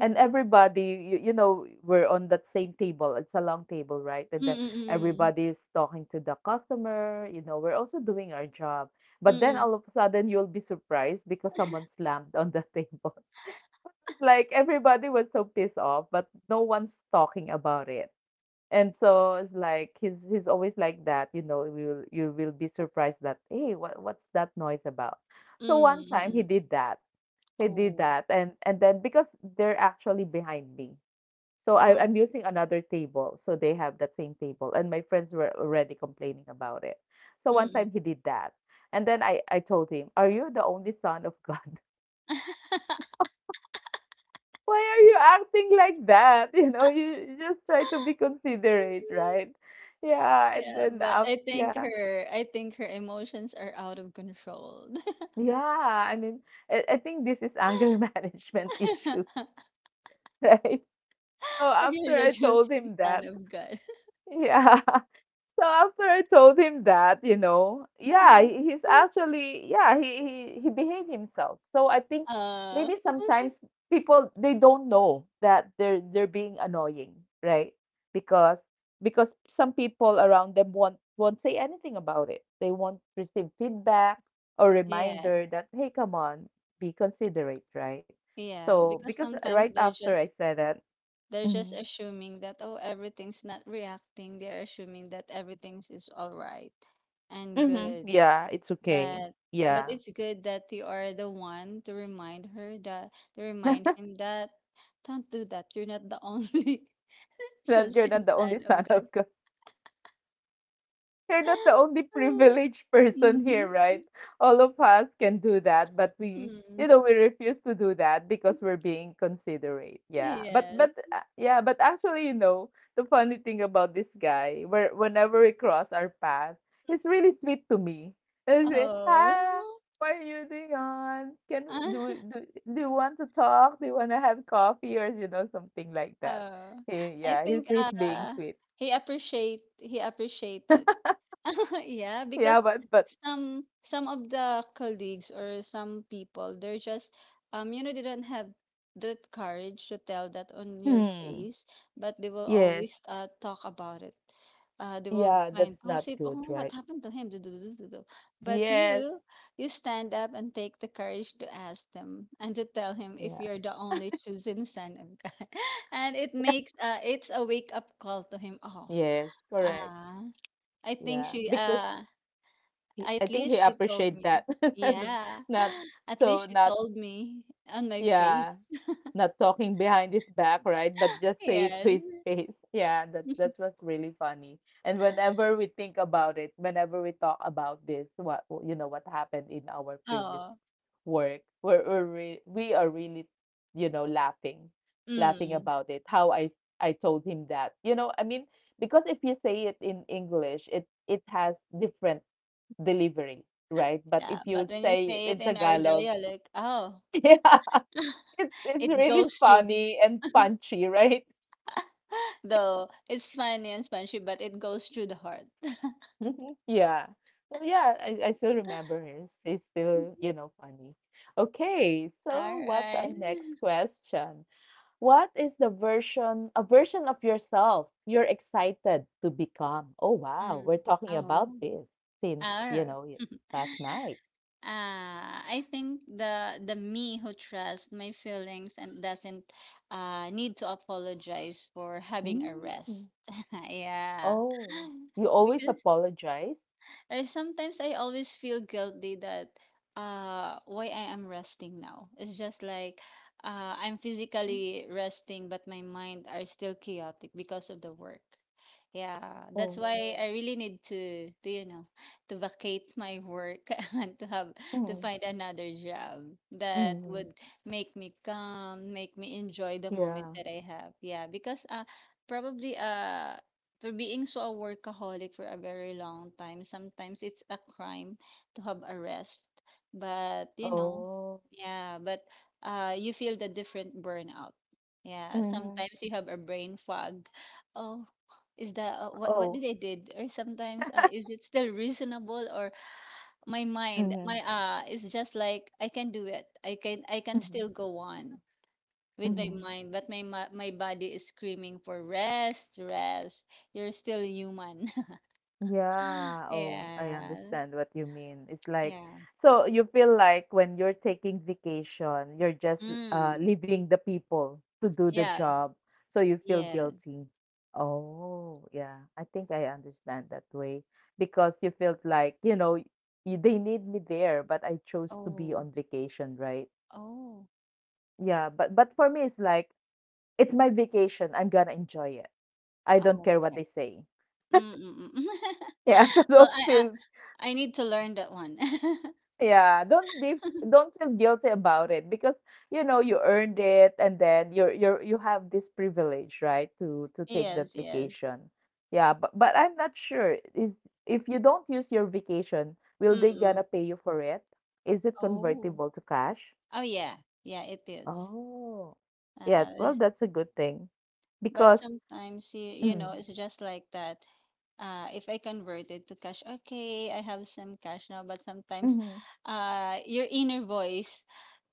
S1: And everybody, you, you know, we're on that same table. It's a long table, right? And then
S2: Mm,
S1: everybody is talking to the customer. You know, we're also doing our job.
S2: mm,
S1: But then
S2: mm.
S1: all of a sudden, you'll be surprised because someone slammed on the table. It's like everybody was so pissed off, but no one's talking about it. And so it's like he's he's always like that, you know, you will you will be surprised that, hey, what what's that noise about? So one
S2: Mm,
S1: time he
S2: mm.
S1: did that. He did
S2: Oh,
S1: that, and and then because they're actually behind me. So I,
S2: ah,
S1: I'm using another table. So they have that same table. And my friends were already complaining about it. So one time
S2: mm.
S1: he did that. And then I, I told him, are you the only son of God? Why are you acting like that? You know, you you just try to be considerate, right? Yeah, and
S2: Yeah,
S1: then
S2: but
S1: up,
S2: I think
S1: yeah,
S2: her I think her emotions are out of control.
S1: yeah. I mean, I, I think this is anger management issue, right? So
S2: Actually,
S1: after I
S2: that's just
S1: told
S2: the
S1: him
S2: son
S1: that,
S2: of God.
S1: yeah. So after I told him that, you know, yeah, he- he's actually yeah, he he he behaved himself. So I think
S2: Uh,
S1: maybe sometimes people they don't know that they're they're being annoying, right? Because because some people around them won't won't say anything about it. They won't receive feedback or
S2: yeah,
S1: reminder that hey, come on, be considerate, right?
S2: yeah,
S1: So
S2: because
S1: because right
S2: sometimes they're
S1: after I
S2: just
S1: said that,
S2: they're
S1: mm-hmm,
S2: just assuming that oh everything's not reacting. They're assuming that everything's is all right and
S1: mm-hmm,
S2: good.
S1: yeah, it's okay.
S2: but
S1: Yeah.
S2: but it's good that you are the one to remind her that to remind him that don't do that. You're not the only
S1: That you're not
S2: chosen
S1: the only
S2: son
S1: son
S2: of
S1: of
S2: God.
S1: God. You're not the only privileged person here,
S2: Mhm.
S1: right? All of us can do that, but we,
S2: Mm.
S1: you know, we refuse to do that because we're being considerate. Yeah, but
S2: Yes.
S1: but uh, yeah, but actually, you know, the funny thing about this guy, where whenever we cross our path, he's really sweet to me. And he say,
S2: Oh.
S1: "Hi, what are you doing on? Can do we- do Do you want to talk? Do you want to have coffee or you know something like that?"
S2: Oh.
S1: He,
S2: I
S1: yeah, he's
S2: think
S1: he's being
S2: uh
S1: sweet.
S2: he appreciate he appreciated. Yeah, because
S1: Yeah, but but
S2: some some of the colleagues or some people, they're just um, you know, they don't have that courage to tell that on your
S1: Hmm.
S2: face, but they will
S1: Yes.
S2: always uh, talk about it. Uh, they will
S1: Yeah,
S2: find
S1: that's not
S2: gossip.
S1: good,
S2: Oh, what
S1: right?
S2: happened to him? Du du du du du. But
S1: Yes.
S2: you, you stand up and take the courage to ask them and to tell him if
S1: Yeah.
S2: you're the only chosen son of God, and it makes uh, it's a wake up call to him. Oh,
S1: Yes, correct.
S2: ah, I think
S1: Yeah,
S2: she
S1: because
S2: uh
S1: he, I
S2: at
S1: think
S2: least
S1: he
S2: she told
S1: appreciate
S2: me.
S1: that.
S2: Yeah.
S1: Not
S2: At
S1: so
S2: least she
S1: not
S2: told me on my face.
S1: yeah, not talking behind his back, right? But just say it to
S2: Yes.
S1: his face. Yeah, that that was really funny. And whenever we think about it, whenever we talk about this, what you know, what happened in our previous
S2: Oh.
S1: work, we're, we're re- we are really, you know, laughing, laughing
S2: Mm.
S1: about it. How I I told him that, you know, I mean, because if you say it in English, it it has different delivery, right? But
S2: Yeah.
S1: if you
S2: But when you
S1: say it
S2: say
S1: in
S2: it in our
S1: Tagalog,
S2: dialect, oh,
S1: yeah, it's it's
S2: it
S1: really
S2: goes through.
S1: funny and punchy, right?
S2: Though it's funny and spongy, but it goes through the heart.
S1: Yeah. So yeah, I, I still remember her. She's still, you know, funny. Okay, so
S2: All
S1: what's our next
S2: right.
S1: question? What is the version, a version of yourself you're excited to become? Oh wow, we're
S2: Mm.
S1: talking about
S2: Oh.
S1: this since,
S2: All
S1: you
S2: right.
S1: know, y- last night.
S2: Uh, I think the the me who trusts my feelings and doesn't uh, need to apologize for having a
S1: Mm.
S2: rest. Yeah.
S1: Oh, you always
S2: Because,
S1: apologize?
S2: and sometimes I always feel guilty that uh why I am resting now. It's just like uh I'm
S1: Mm.
S2: physically resting but my mind are still chaotic because of the work. Yeah,
S1: Oh.
S2: that's why I really need to, to you know, to vacate my work and to have to
S1: Mm.
S2: find another job that
S1: Mm.
S2: would make me calm, make me enjoy the moment
S1: Yeah.
S2: that I have. Yeah, because uh probably uh for being so a workaholic for a very long time, sometimes it's a crime to have a rest. But you know,
S1: Oh.
S2: yeah, but uh, you feel the different burnout. Yeah,
S1: Mhm.
S2: sometimes you have a brain fog. Oh, is that uh, what what
S1: Oh.
S2: did I did? Or sometimes uh, is it still reasonable? Or my mind,
S1: Mhm.
S2: my uh, is just like I can do it. I can I can
S1: Mhm.
S2: still go on with my
S1: Mhm.
S2: mind, but my ma- my body is screaming for rest, rest. You're still human.
S1: Yeah. Oh, I
S2: Yeah,
S1: understand what you mean. It's like,
S2: yeah.
S1: so you feel like when you're taking vacation, you're just uh,
S2: Mm.
S1: leaving the people to do the
S2: Yes,
S1: job. So you feel
S2: yes.
S1: guilty. Oh, yeah. I think I understand that way because you felt like, you know, y- they need me there, but I chose to be
S2: Oh,
S1: on vacation, right?
S2: oh,
S1: Yeah, but but for me it's like it's my vacation. I'm gonna enjoy it. I don't
S2: oh.
S1: care what
S2: Okay.
S1: they say.
S2: Mm, mm, mm.
S1: Yeah, so
S2: Well,
S1: don't
S2: I, I
S1: feel
S2: I need to learn that one.
S1: yeah, don't be don't feel guilty about it because you know you earned it and then you're you're you have this privilege, right, to to take
S2: Yes,
S1: that
S2: yes.
S1: vacation. Yeah, but but I'm not sure is if you don't use your vacation, will
S2: Mm,
S1: they gonna
S2: mm.
S1: pay you for it? Is it
S2: Oh,
S1: convertible to cash?
S2: oh yeah, yeah. It is.
S1: Oh. Yeah,
S2: Uh,
S1: well
S2: it's-
S1: that's a good thing
S2: but
S1: because
S2: sometimes you, you know
S1: mm,
S2: it's just like that. Uh, if I convert it to cash, okay, I have some cash now, but sometimes
S1: mm-hmm,
S2: uh, your inner voice,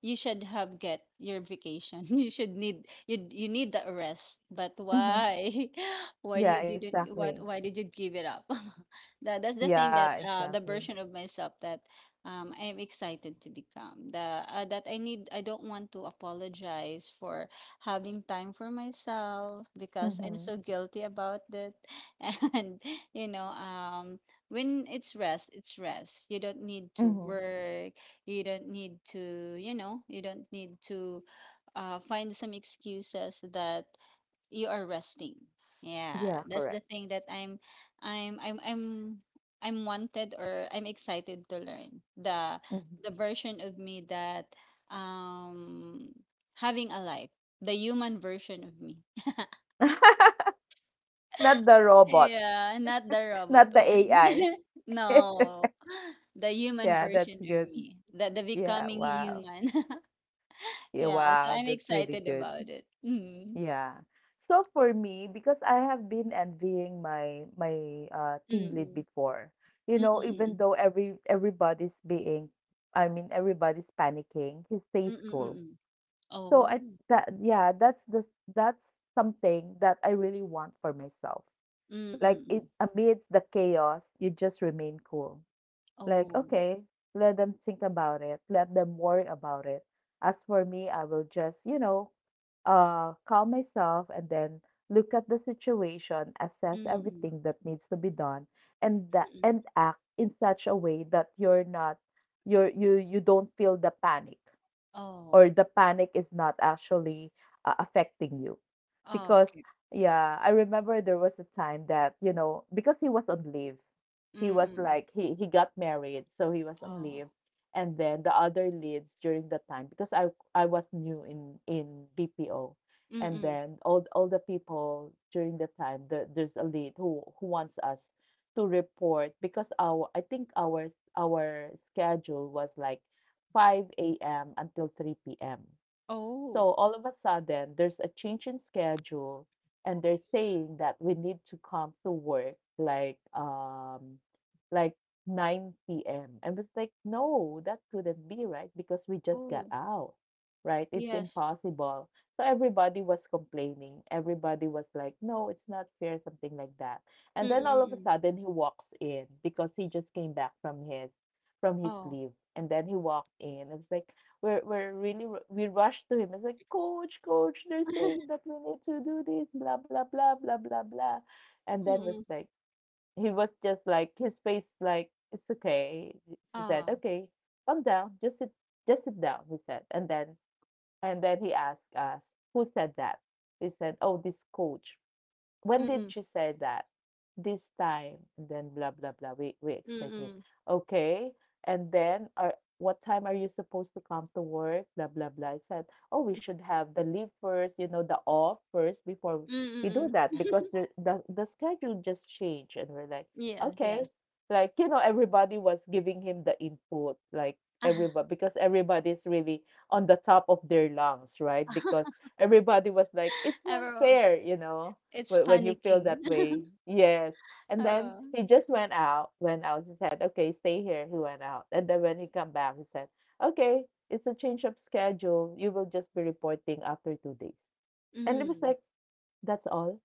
S2: you should have get your vacation. You should need you you need the rest. But
S1: mm-hmm.
S2: why? Why
S1: Yeah,
S2: you didn't
S1: exactly.
S2: what Why did you give it up? That that's the thing
S1: Yeah,
S2: that uh, the
S1: exactly.
S2: version of myself that um, I'm excited to become. The uh, that I need I don't want to apologize for having time for myself because I'm
S1: Mm-hmm.
S2: so guilty about it. And you know, um when it's rest it's rest, you don't need to
S1: Mhm.
S2: work, you don't need to, you know, you don't need to uh, find some excuses that you are resting. Yeah,
S1: Yeah,
S2: that's the
S1: correct.
S2: thing that i'm i'm i'm i'm I'm wanted, or I'm excited to learn the
S1: Mhm.
S2: the version of me that um having a life, the human version of me.
S1: Not the robot,
S2: Yeah, not the robot
S1: not the
S2: one.
S1: A I.
S2: No, the human
S1: Yeah, that's
S2: version of
S1: good.
S2: me, the the
S1: Yeah,
S2: becoming
S1: wow.
S2: human.
S1: Yeah,
S2: Yeah, so
S1: wow,
S2: I'm
S1: that's really
S2: excited
S1: good.
S2: about it. Mm.
S1: Yeah. So for me, because I have been envying my my uh, team lead
S2: Mm-mm.
S1: before, you know, even
S2: Mm-mm.
S1: though every everybody's being, I mean, everybody's panicking, he stays cool.
S2: Mm-mm.
S1: So I
S2: Oh.
S1: that yeah, that's the that's something that I really want for myself. Like it
S2: Mm-mm.
S1: amidst the chaos, you just remain cool. Like,
S2: Oh.
S1: okay, let them think about it, let them worry about it. As for me, I will just, you know, uh, calm myself and then look at the situation, assess
S2: Mm-mm.
S1: everything that needs to be done, and that
S2: Mm-mm.
S1: and act in such a way that you're not you're you you don't feel the panic
S2: Oh.
S1: or the panic is not actually uh, affecting you because
S2: Okay.
S1: yeah, I remember there was a time that, you know, because he was on leave, he was
S2: Mm-mm.
S1: like he he got married, so he was on
S2: Oh.
S1: leave. And then the other leads during the time, because i I was new in in BPO. And
S2: Mm-mm.
S1: then all all the people during the time the, there's a lead who who wants us to report because our, I think our our schedule was like five a m until three p m. So
S2: Oh.
S1: all of a sudden, there's a change in schedule, and they're saying that we need to come to work like um like nine p m. And it's like, no, that couldn't be right because we just got
S2: Oh.
S1: out, right? It's
S2: Yes.
S1: impossible. So everybody was complaining. Everybody was like, no, it's not fair, something like that. And then all of a
S2: Mm-mm.
S1: sudden, he walks in because he just came back from his from his
S2: Oh.
S1: sleeve. And then he walked in. I was like, we're, we're really, ru- we rushed to him. I was like, coach, coach, they're saying that we need to do this, blah, blah, blah, blah, blah, blah. And then was
S2: Mm-mm.
S1: like, he was just like, his face, like, it's okay. She said,
S2: Oh.
S1: okay, calm down. Just sit, just sit down, he said. And then, and then he asked us, who said that? He said, oh, this coach. When did
S2: Mm-mm.
S1: she say that? This time, and then blah blah blah. We we explained to him,
S2: Mm-mm.
S1: okay, and then are what time are you supposed to come to work? Blah blah blah. I said, oh, we should have the leave first, you know, the off first before we do
S2: Mm-mm.
S1: that because the the, the schedule just changed, and we're like,
S2: Yes,
S1: okay,
S2: yes.
S1: like, you know, everybody was giving him the input, like everybody, because everybody's really on the top of their lungs, right? Because everybody was like, it's not
S2: Everyone,
S1: fair, you know.
S2: it's
S1: Whe when you feel
S2: panicking.
S1: that way. Yes. And then
S2: Oh,
S1: he just went out, went out. He said, "Okay, stay here." He went out, and then when he come back, he said, "Okay, it's a change of schedule. You will just be reporting after two days." And it was
S2: mm.
S1: like, "That's all."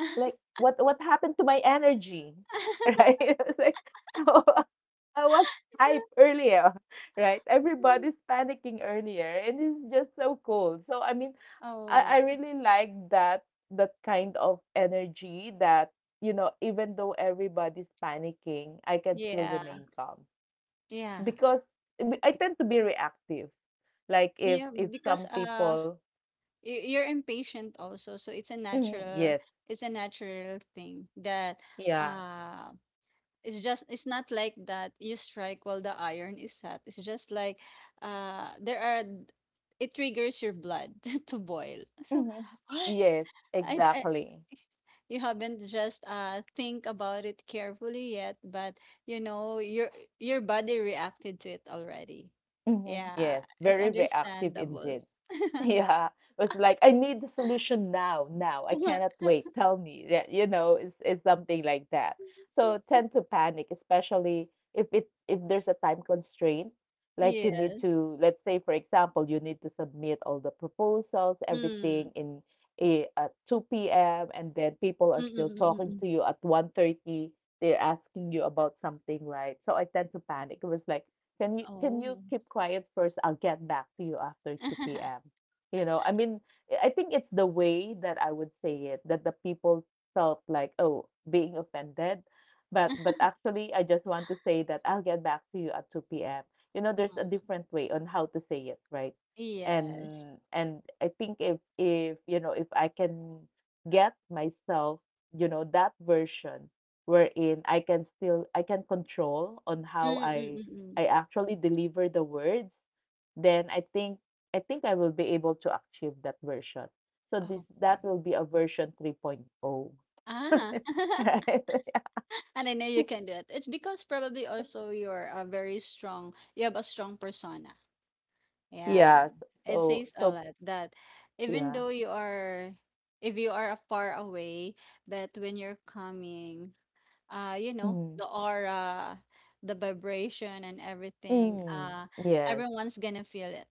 S1: Like, what what happened to my energy, right? It was like, I was hype earlier, right? Everybody's panicking earlier, and it's just so cool. So I mean, I, I
S2: Oh,
S1: really like that that kind of energy that, you know, even though everybody's panicking, I can still
S2: yeah,
S1: remain calm
S2: yeah,
S1: because I tend to be reactive, like if
S2: yeah.
S1: if
S2: Because
S1: some
S2: uh,
S1: people
S2: y- you're impatient also, so it's a
S1: Mhm,
S2: natural,
S1: yes
S2: it's a natural thing that
S1: yeah
S2: uh, it's just it's not like that. You strike while the iron is hot. It's just like uh, there are it triggers your blood to boil. So,
S1: hmm yes
S2: I, I
S1: exactly
S2: you haven't just uh think about it carefully yet, but you know your your body reacted to it already.
S1: hmm yes
S2: Yeah, it's
S1: very reactive indeed.
S2: understandable.
S1: Yeah, it was like, I need the solution now, now. I cannot wait. Tell me. Yeah, you know, it's it's something like that. So tend to panic, especially if it if there's a time constraint. Like you
S2: Yes.
S1: need to, let's say, for example, you need to submit all the proposals,
S2: Mm.
S1: everything in a at two p m and then people are still talking
S2: Mm-mm-mm-mm.
S1: to you at one they They're asking you about something, right? So I tend to panic. It was like, can you can you
S2: Oh.
S1: keep quiet first? I'll get back to you after two p.m. You know, I mean, eh, I think it's the way that I would say it that the people felt like, oh, being offended. But but actually, I just want to say that I'll get back to you at two p m. You know, there's a
S2: Mm.
S1: different way on how to say it, right?
S2: Yes.
S1: And and I think if if you know if I can get myself, you know, that version wherein I can still I can control on how I
S2: Mm-mm-mm-mm.
S1: I actually deliver the words, then I think I think I will be able to achieve that version. So this
S2: Okay.
S1: that will be a version 3.0.
S2: Ah,
S1: Right.
S2: and I know you can do it. It's because probably also you're a very strong, you have a strong persona. Yeah,
S1: Yeah.
S2: it
S1: So
S2: says a
S1: so
S2: lot that even
S1: yeah.
S2: though you are, if you are a far away, but when you're coming, uh, you know, the
S1: Mm.
S2: aura, the vibration and everything,
S1: Mm.
S2: uh,
S1: Yes.
S2: everyone's gonna feel it.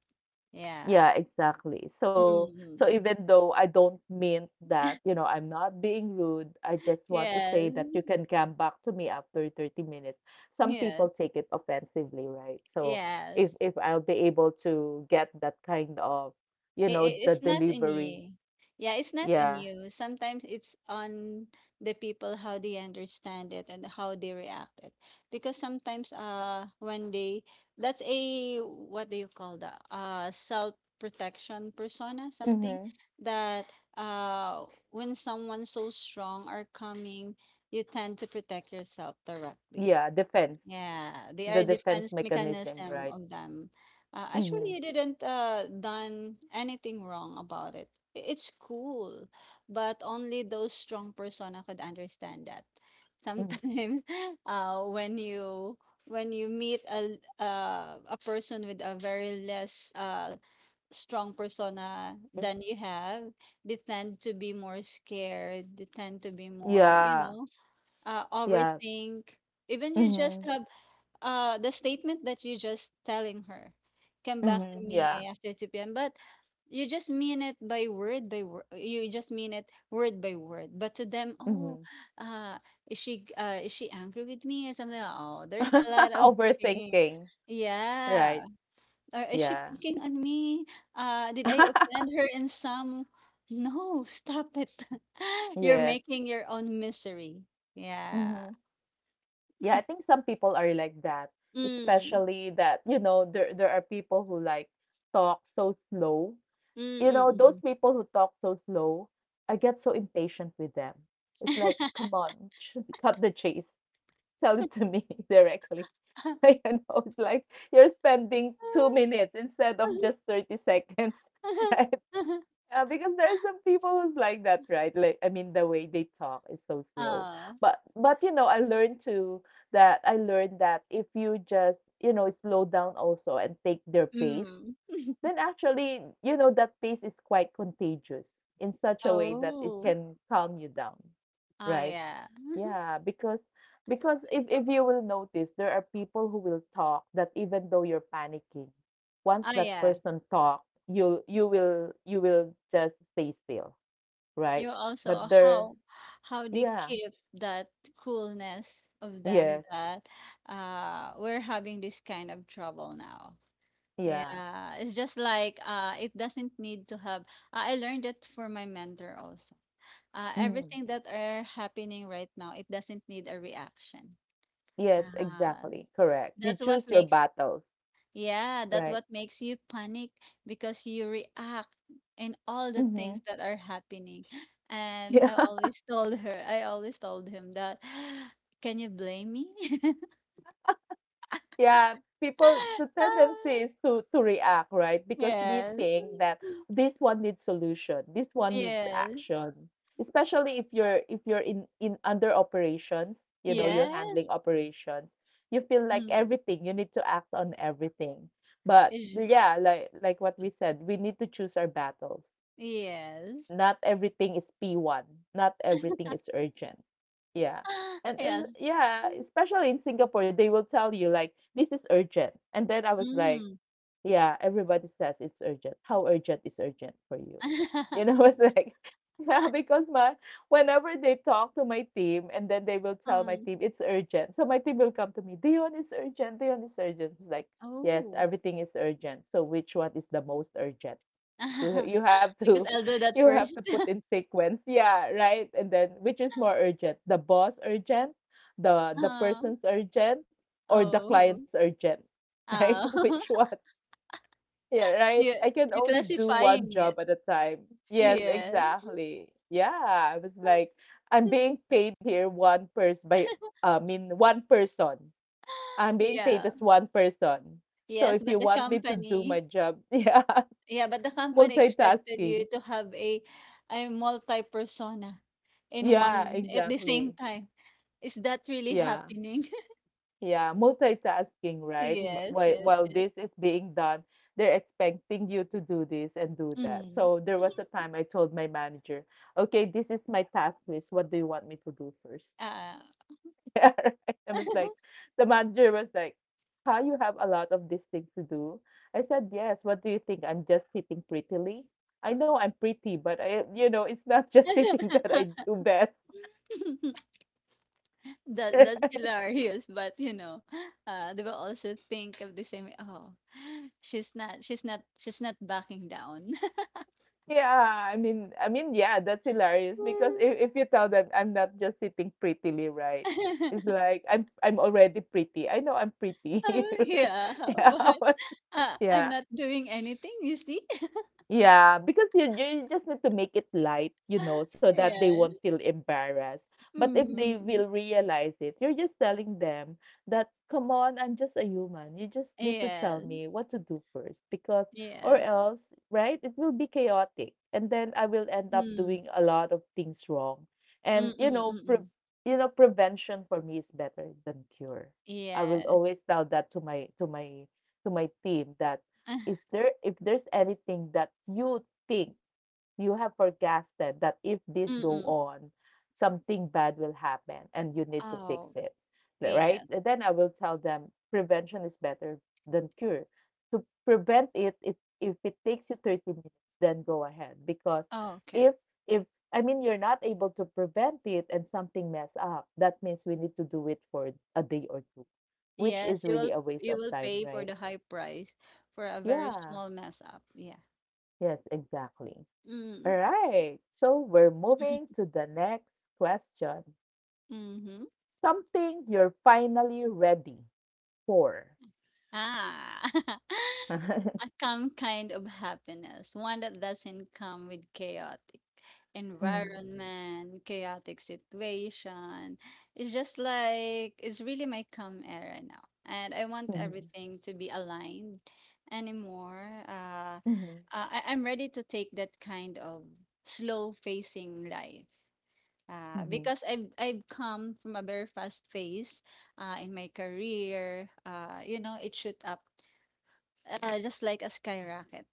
S2: Yeah.
S1: Yeah, exactly. So
S2: Mm-hmm.
S1: so even though I don't mean that, you know, I'm not being rude, I just want to say
S2: Yes.
S1: that you can come back to me after thirty minutes. Some
S2: Yes.
S1: people take it offensively, right? So
S2: Yes.
S1: if if I'll be able to get that kind of, you
S2: It,
S1: know, the
S2: it's not on
S1: delivery,
S2: you. Yeah, it's not on
S1: yeah,
S2: you. Sometimes it's on the people how they understand it and how they react it. Because sometimes uh when they that's a what do you call that? Uh self protection persona, something
S1: Mhm.
S2: that uh when someone so strong are coming, you tend to protect yourself directly.
S1: Yeah, defense.
S2: Yeah, they are
S1: The defense
S2: defense
S1: mechanism,
S2: mechanism
S1: right?
S2: of them. Uh, actually,
S1: Mhm.
S2: you didn't uh, done anything wrong about it. I- It's cool, but only those strong persona could understand that.
S1: Mhm.
S2: Sometimes, uh, when you when you meet a uh, a person with a very less uh, strong persona
S1: Mm.
S2: than you have, they tend to be more scared. They tend to be more, you
S1: Yeah.
S2: know, uh,
S1: Yeah.
S2: overthink even you just
S1: Mhm.
S2: have uh, the statement that you just telling her, "Come back
S1: Mhm.
S2: to
S1: Yeah.
S2: me after two p m" But you just mean it by word by word. You just mean it word by word. But to them, oh,
S1: Mhm.
S2: uh, is she uh is she angry with me or something? Oh, there's a lot of things.
S1: Overthinking, right?
S2: Yeah. Or is she
S1: Yeah.
S2: picking on me? Uh, did I offend her in some? No, stop it. You're
S1: Yes.
S2: making your own misery. Yeah.
S1: Mhm. Yeah, I think some people are like that,
S2: Mm.
S1: especially that, you know, there there are people who like talk so slow. You know, those
S2: Mm-mm.
S1: people who talk so slow, I get so impatient with them. It's like, come on, cut the chase. Tell it to me directly. Like, know it's like, you're spending two minutes instead of just thirty seconds, right? Uh, because there are some people who's like that, right? Like, I mean, the way they talk is so slow.
S2: Oh.
S1: But, but you know, I learned to that. I learned that if you just, you know, slow down also and take their pace,
S2: Mm.
S1: then actually, you know, that pace is quite contagious in such a way that it
S2: Oh.
S1: can calm you down,
S2: Oh
S1: right?
S2: yeah.
S1: Yeah, because because if if you will notice, there are people who will talk that even though you're panicking, once
S2: Oh
S1: that
S2: yeah.
S1: person talk, you you will you will just stay still,
S2: You
S1: right?
S2: also
S1: But there,
S2: how how they
S1: yeah,
S2: keep that coolness of them
S1: yes,
S2: that uh we're having this kind of trouble now.
S1: yeah,
S2: Yeah, it's just like uh it doesn't need to have I I learned it from my mentor also. Uh
S1: mhm,
S2: everything that are happening right now, it doesn't need a reaction.
S1: yes,
S2: Uh
S1: exactly, correct. You
S2: that's what
S1: choose your
S2: makes
S1: battles,
S2: Yeah, that's
S1: right?
S2: what makes you panic because you react in all the
S1: Mm-hmm.
S2: things that are happening. And
S1: Yeah.
S2: I always told her, I always told him that, can you blame me?
S1: Yeah, people, the
S2: Ah,
S1: tendency is to to react, right? Because we
S2: yes.
S1: think that this one needs solution, this one needs
S2: Yes.
S1: action. Especially if you're if you're in in under operations, you know, you're
S2: Yes.
S1: handling operations, you feel like
S2: Mm.
S1: everything, you need to act on everything. But
S2: Is-
S1: yeah, like like what we said, we need to choose our battles,
S2: Yes.
S1: not everything is P one, not everything is urgent. Yeah. And, and
S2: Yes.
S1: yeah, especially in Singapore, they will tell you like this is urgent. And then I was like,
S2: Mm.
S1: yeah, everybody says it's urgent. How urgent is urgent for you? You know, I was like, yeah, because my whenever they talk to my team and then they will tell my
S2: Mm.
S1: team it's urgent. So my team will come to me, Dion is urgent, Dion is urgent. It's like, yes,
S2: Oh.
S1: everything is urgent. So which one is the most urgent? Well, you have
S2: Because
S1: to
S2: I'll do that
S1: you have
S2: first.
S1: to put in sequence. Yeah, right? And then which is more urgent? The boss urgent, the the
S2: Oh.
S1: person's urgent, or the
S2: Oh.
S1: client's urgent? Like which
S2: Oh.
S1: one? Yeah, right?
S2: Yeah,
S1: I can
S2: you're
S1: only do one
S2: classifying it.
S1: job at a time. Yes,
S2: Yes.
S1: exactly. Yeah, I was like I'm being paid here one person by I mean one person. I'm being paid
S2: Yeah.
S1: as one person. So
S2: Yes,
S1: if
S2: but
S1: you
S2: the
S1: want me to do my
S2: company
S1: job, yeah,
S2: yeah, but the company expected you
S1: multitasking.
S2: to have a a multi-persona in
S1: Yeah,
S2: one at the same
S1: exactly.
S2: time. Is that really
S1: Yeah,
S2: happening?
S1: yeah. Multitasking, right? Wh-
S2: Yes,
S1: While
S2: yes,
S1: while
S2: yes.
S1: this is being done, they're expecting you to do this and do that.
S2: Mm.
S1: So there was a time I told my manager, "Okay, this is my task list. What do you want me to do first?"
S2: Ah.
S1: Yeah, right. I was like, the manager was like, "Huh, you have a lot of these things to do." I said, "Yes. What do you think? I'm just sitting prettily. I know I'm pretty, but I, you know, it's not just sitting that I do best."
S2: That that's hilarious, but you know, uh, they will also think of the same. Oh, she's not, she's not, she's not backing down.
S1: Yeah, I mean, I mean, yeah, that's hilarious because
S2: Mm.
S1: if, if you tell them I'm not just sitting prettily, right? It's like I'm I'm already pretty. I know I'm pretty.
S2: Yeah,
S1: Yeah,
S2: but uh, I'm
S1: yeah.
S2: not doing anything, you see?
S1: Yeah, because you, you just need to make it light, you know, so that they won't
S2: Yes.
S1: feel embarrassed. But if they
S2: Mm.
S1: will realize it, you're just telling them that, come on, I'm just a human. You just need to tell
S2: Yes.
S1: me what to do first, because,
S2: Yes.
S1: or
S2: Yes.
S1: else, right, it will be chaotic. And then I will end up
S2: Mm.
S1: doing a lot of things wrong. And, you know, pre
S2: Mm-mm-mm.
S1: you know, prevention for me is better than cure. I will
S2: Yes.
S1: always tell that to my to my to my team that is there, if there's anything that you think you have forecasted that if this go
S2: Mm-mm.
S1: on, something bad will happen and you need to fix
S2: Oh,
S1: it,
S2: yes.
S1: right? And then I will tell them prevention is better than cure. To prevent it, it if it takes you thirty minutes, then go ahead because
S2: Oh, okay.
S1: if if I mean you're not able to prevent it and something mess up, that means we need to do it for a day or two, which
S2: Yes,
S1: is
S2: you will
S1: really a
S2: you
S1: waste of
S2: will
S1: time,
S2: pay for the
S1: right?
S2: high price for a very
S1: Yeah.
S2: small mess up. Yeah.
S1: Yes, exactly.
S2: Mm.
S1: All right. So we're moving to the next question.
S2: Mm-hmm.
S1: Something you're finally ready for.
S2: Ah. A calm kind of happiness, one that doesn't come with chaotic
S1: Mm,
S2: environment, chaotic situation. It's just like it's really my calm era now. And I want
S1: mhm,
S2: everything to be aligned anymore. Uh,
S1: mhm,
S2: uh, I, I'm ready to take that kind of slow facing life. Uh,
S1: mhm,
S2: because I've I've come from a very fast phase uh, in my career. Uh, you know, it shoot up uh, just like a skyrocket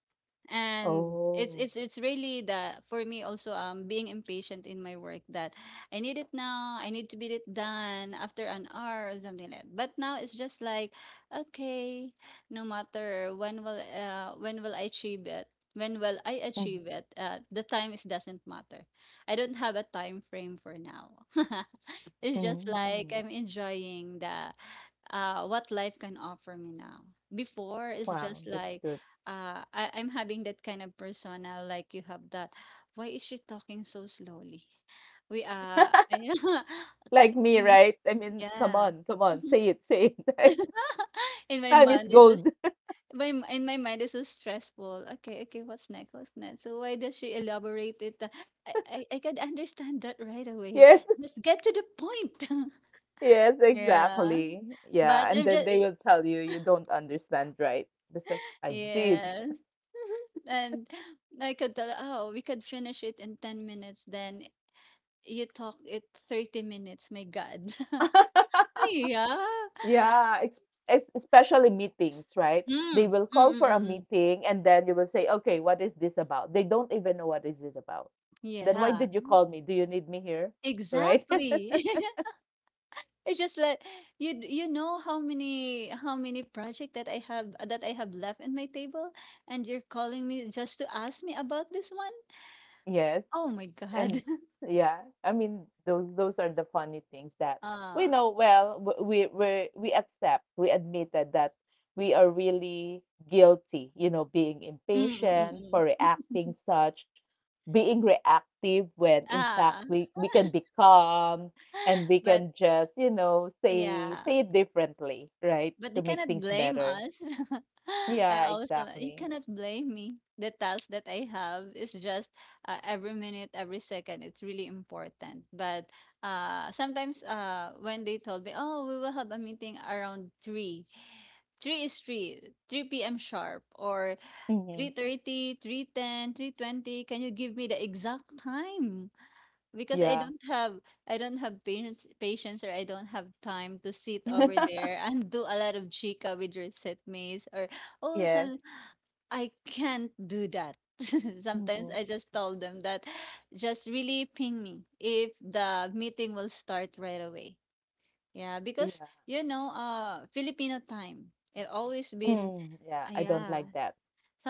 S2: and it's
S1: oh,
S2: it's it's really the for me also um being impatient in my work that I need it now. I need to be it done after an hour or something like that. But now it's just like okay, no matter when will uh when will I achieve it. when will I
S1: mhm,
S2: achieve it uh the time is doesn't matter. I don't have a time frame for now. It's just like
S1: mhm,
S2: I'm enjoying the uh, what life can offer me now. Before, it's
S1: wow.
S2: just
S1: That's
S2: like
S1: good.
S2: uh, I, I'm having that kind of persona, like you have that. Why is she talking so slowly? We uh, can,
S1: Like me,
S2: can we?
S1: right? I mean, come
S2: Yeah.
S1: on, come on.
S2: Mhm.
S1: Say it, say it. Right?
S2: In my
S1: Time is
S2: mind, this is
S1: gold.
S2: my m- in my mind this is stressful. Okay, okay, what's next? What's next? So why does she elaborate it? Uh, I I, I can understand that right away.
S1: Yes,
S2: Just get to the point.
S1: yes,
S2: Yeah.
S1: exactly. Yeah.
S2: But
S1: And
S2: I'm
S1: then
S2: just
S1: they will tell you you don't understand, right? It's like, I did.
S2: yes. And I could tell, oh, we could finish it in ten minutes, then you talk it thirty minutes. My God. Yeah.
S1: Yeah, it's es especially meetings, right? They
S2: Mm,
S1: will
S2: mm,
S1: call
S2: mm,
S1: for a
S2: mm, mm.
S1: meeting and then you will say, "Okay, what is this about?" They don't even know what is it about. Then why
S2: Yeah.
S1: did you call me? Do you need me here? Right?
S2: Exactly. It's just like you d- you know how many how many project that I have that I have left in my table and you're calling me just to ask me about this one?
S1: Yes.
S2: Oh my God.
S1: And yeah, I mean those those are the funny things that we
S2: Ah.
S1: know well, w- we we we accept, we admitted that we are really guilty, you know, being
S2: Mm, mm,
S1: impatient
S2: mm,
S1: for
S2: mm.
S1: reacting such, being reactive when in fact
S2: Ah.
S1: we we can be calm and we
S2: But
S1: can just, you know, say
S2: yeah,
S1: say it differently, right,
S2: but they
S1: to make
S2: cannot
S1: things
S2: blame
S1: better.
S2: us. I
S1: Yeah,
S2: also, you
S1: exactly.
S2: cannot blame me. The task that I have is just uh, every minute, every second, it's really important. But uh, sometimes uh, when they told me, oh, we will have a meeting around three. three is three, three p m sharp, or three
S1: Hmm.
S2: thirty three ten three twenty. Can you give me the exact time? Because I
S1: Yeah.
S2: don't have I don't have patience patience or I don't have time to sit over there and do a lot of chica with your set setmates or oh
S1: Yes.
S2: some I can't do that. Sometimes
S1: Hmm.
S2: I just told them that just really ping me if the meeting will start right away. Yeah, because you know, uh Filipino time. It always been
S1: Mm, yeah, I
S2: uh,
S1: don't like
S2: yeah.
S1: that.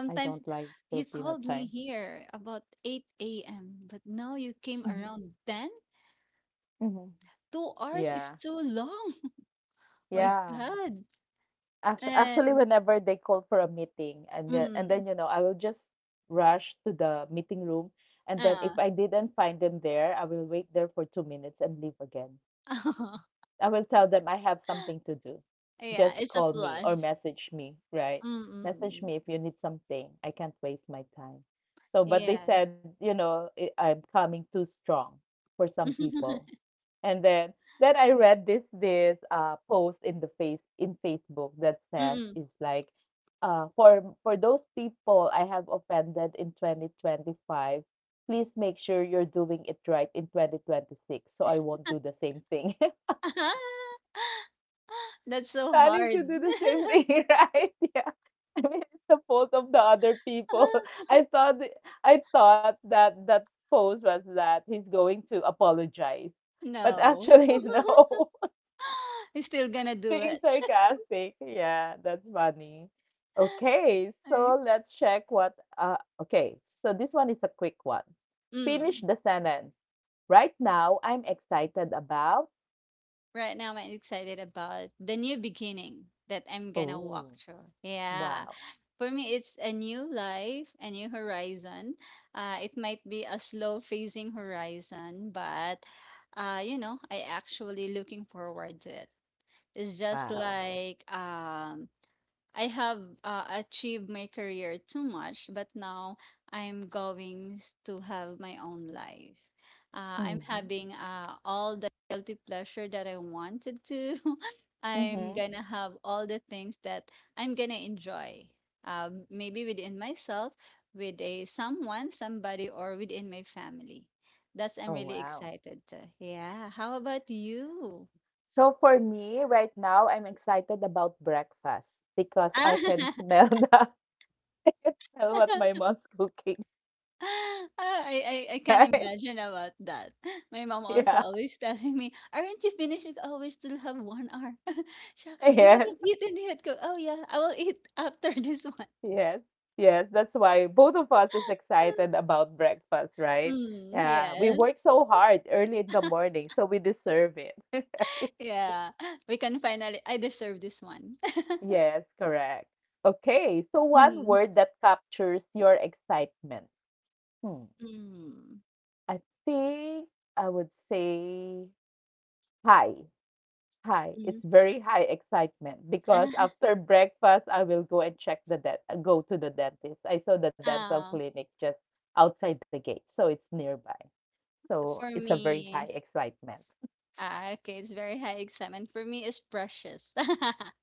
S1: I don't like
S2: you
S1: Filipino
S2: called me
S1: time.
S2: here about eight a m but now you came
S1: Mhm,
S2: around 10
S1: mhm.
S2: 2 hours
S1: Yeah,
S2: is too long. My
S1: yeah.
S2: God.
S1: Actually, actually,
S2: And,
S1: whenever they call for a meeting, and then, and
S2: mm,
S1: then you know, I will just rush to the meeting room, and then if
S2: ah.
S1: I didn't find them there, I will wait there for two minutes and leave again. I will tell them I have something to do.
S2: Yeah,
S1: Just
S2: it's a
S1: call me or
S2: flush.
S1: message me, right? Message
S2: Mm-mm.
S1: me if you need something. I can't waste my time. So, but they
S2: Yeah.
S1: said, you know, I- I'm coming too strong for some people. And then then I read this this uh post in the face in Facebook that says
S2: Mm-mm.
S1: it's like, uh for for those people I have offended in twenty twenty-five, please make sure you're doing it right in twenty twenty-six so I won't do the same thing
S2: That's so
S1: planning
S2: hard.
S1: to do the same thing, right? Yeah. I mean, it's the fault of the other people. I thought th- I thought that that post was that he's going to apologize, but
S2: No.
S1: actually no,
S2: I'm still gonna do
S1: being
S2: it.
S1: sarcastic. Yeah, that's funny. Okay,
S2: Alright.
S1: so let's check what. Uh, okay, so this one is a quick one. Finish
S2: Mm.
S1: the sentence. Right now, I'm excited about.
S2: Right now, I'm excited about the new beginning that I'm gonna walk
S1: Oh,
S2: through. Yeah.
S1: wow,
S2: For me, it's a new life, a new horizon. Uh, it might be a slow phasing horizon, but uh, you know, I actually looking forward to it. It's just
S1: wow.
S2: like um, I have uh, achieved my career too much, but now I'm going s- to have my own life. Uh, I'm
S1: Mm-hmm,
S2: having uh, all the guilty pleasure that I wanted to. I'm
S1: mm-hmm.
S2: gonna have all the things that I'm gonna enjoy. Uh, maybe within myself, with a someone, somebody, or within my family. That's I'm
S1: Oh,
S2: really
S1: wow.
S2: excited to. Yeah. How about you?
S1: So for me, right now, I'm excited about breakfast because I can smell the, I can smell what my mom's cooking.
S2: Ah, I I I can
S1: Right?
S2: imagine about that. My mom also
S1: Yeah.
S2: always telling me, "Aren't you finished? It's always still have one hour. Siya, you
S1: Yes.
S2: haven't eaten yet." Ko, "Oh, yeah, I will eat after this one."
S1: Yes. Yes. That's why both of us is excited about breakfast, right?
S2: Mm,
S1: Yeah. We
S2: yes.
S1: work so hard early in the morning, so we deserve it. Right?
S2: Yeah, we can finally I deserve this one.
S1: Yes, correct. Okay. So one
S2: Mm.
S1: word that captures your excitement. Hmm.
S2: Mm.
S1: I think I would say hi. Hi! It's
S2: Mm.
S1: very high excitement because after breakfast, I will go and check the dent, uh, go to the dentist. I saw the dental
S2: Ah,
S1: clinic just outside the gate, so it's nearby. So
S2: for
S1: it's a very high
S2: me,
S1: excitement.
S2: ah, okay, it's very high excitement. For me, it's precious.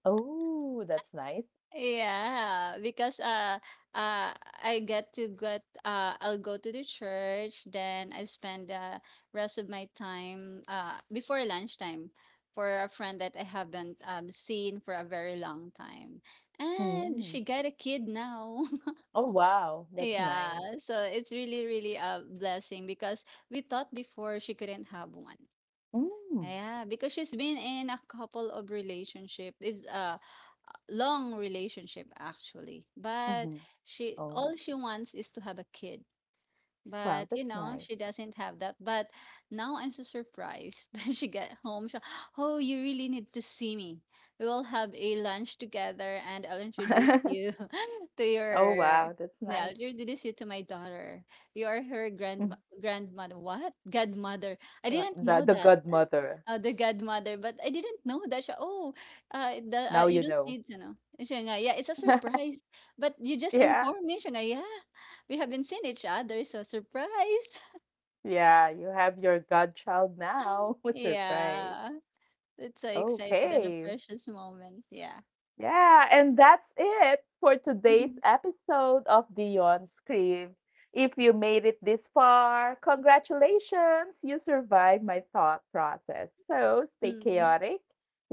S1: Oh, that's nice.
S2: Yeah, because uh uh I get to get uh I'll go to the church, then I spend the rest of my time uh before lunchtime for a friend that I haven't um seen for a very long time. And
S1: Mm.
S2: she got a kid now.
S1: Oh, wow, that's
S2: Yeah,
S1: nice.
S2: so it's really really a blessing because we thought before she couldn't have one.
S1: Mm.
S2: Yeah, because she's been in a couple of relationship. Is uh long relationship actually,
S1: Hmm.
S2: but she
S1: Oh,
S2: all she wants is to have a kid.
S1: wow,
S2: But
S1: that's
S2: you know,
S1: nice.
S2: she doesn't have that. But now I'm so surprised that she got home. She, oh, you really need to see me. We will have a lunch together, and I'll introduce you to
S1: Oh, wow,
S2: your.
S1: that's
S2: No,
S1: nice.
S2: I'll introduce you to my daughter. You are her
S1: Mhm.
S2: grand grandmother. What? Godmother. I
S1: Wa-
S2: didn't
S1: The the
S2: know that.
S1: godmother.
S2: Uh, the godmother, but I didn't know that siya. Oh, uh, the,
S1: Now
S2: uh,
S1: you
S2: you don't
S1: know.
S2: need to know. Siya nga, yeah, it's a surprise. But you just
S1: Yeah.
S2: inform me, siya nga, yeah. We haven't seen each other, so surprise.
S1: Yeah, you have your godchild now. What surprise.
S2: Yeah, it's so excited and a
S1: Okay.
S2: precious moment. Yeah.
S1: Yeah, and that's it for today's episode of Beyond Scream. If you made it this far, congratulations! You survived my thought process. So stay
S2: Mm.
S1: chaotic,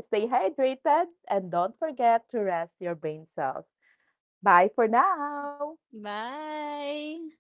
S1: stay hydrated, and don't forget to rest your brain cells. Bye for now.
S2: Bye.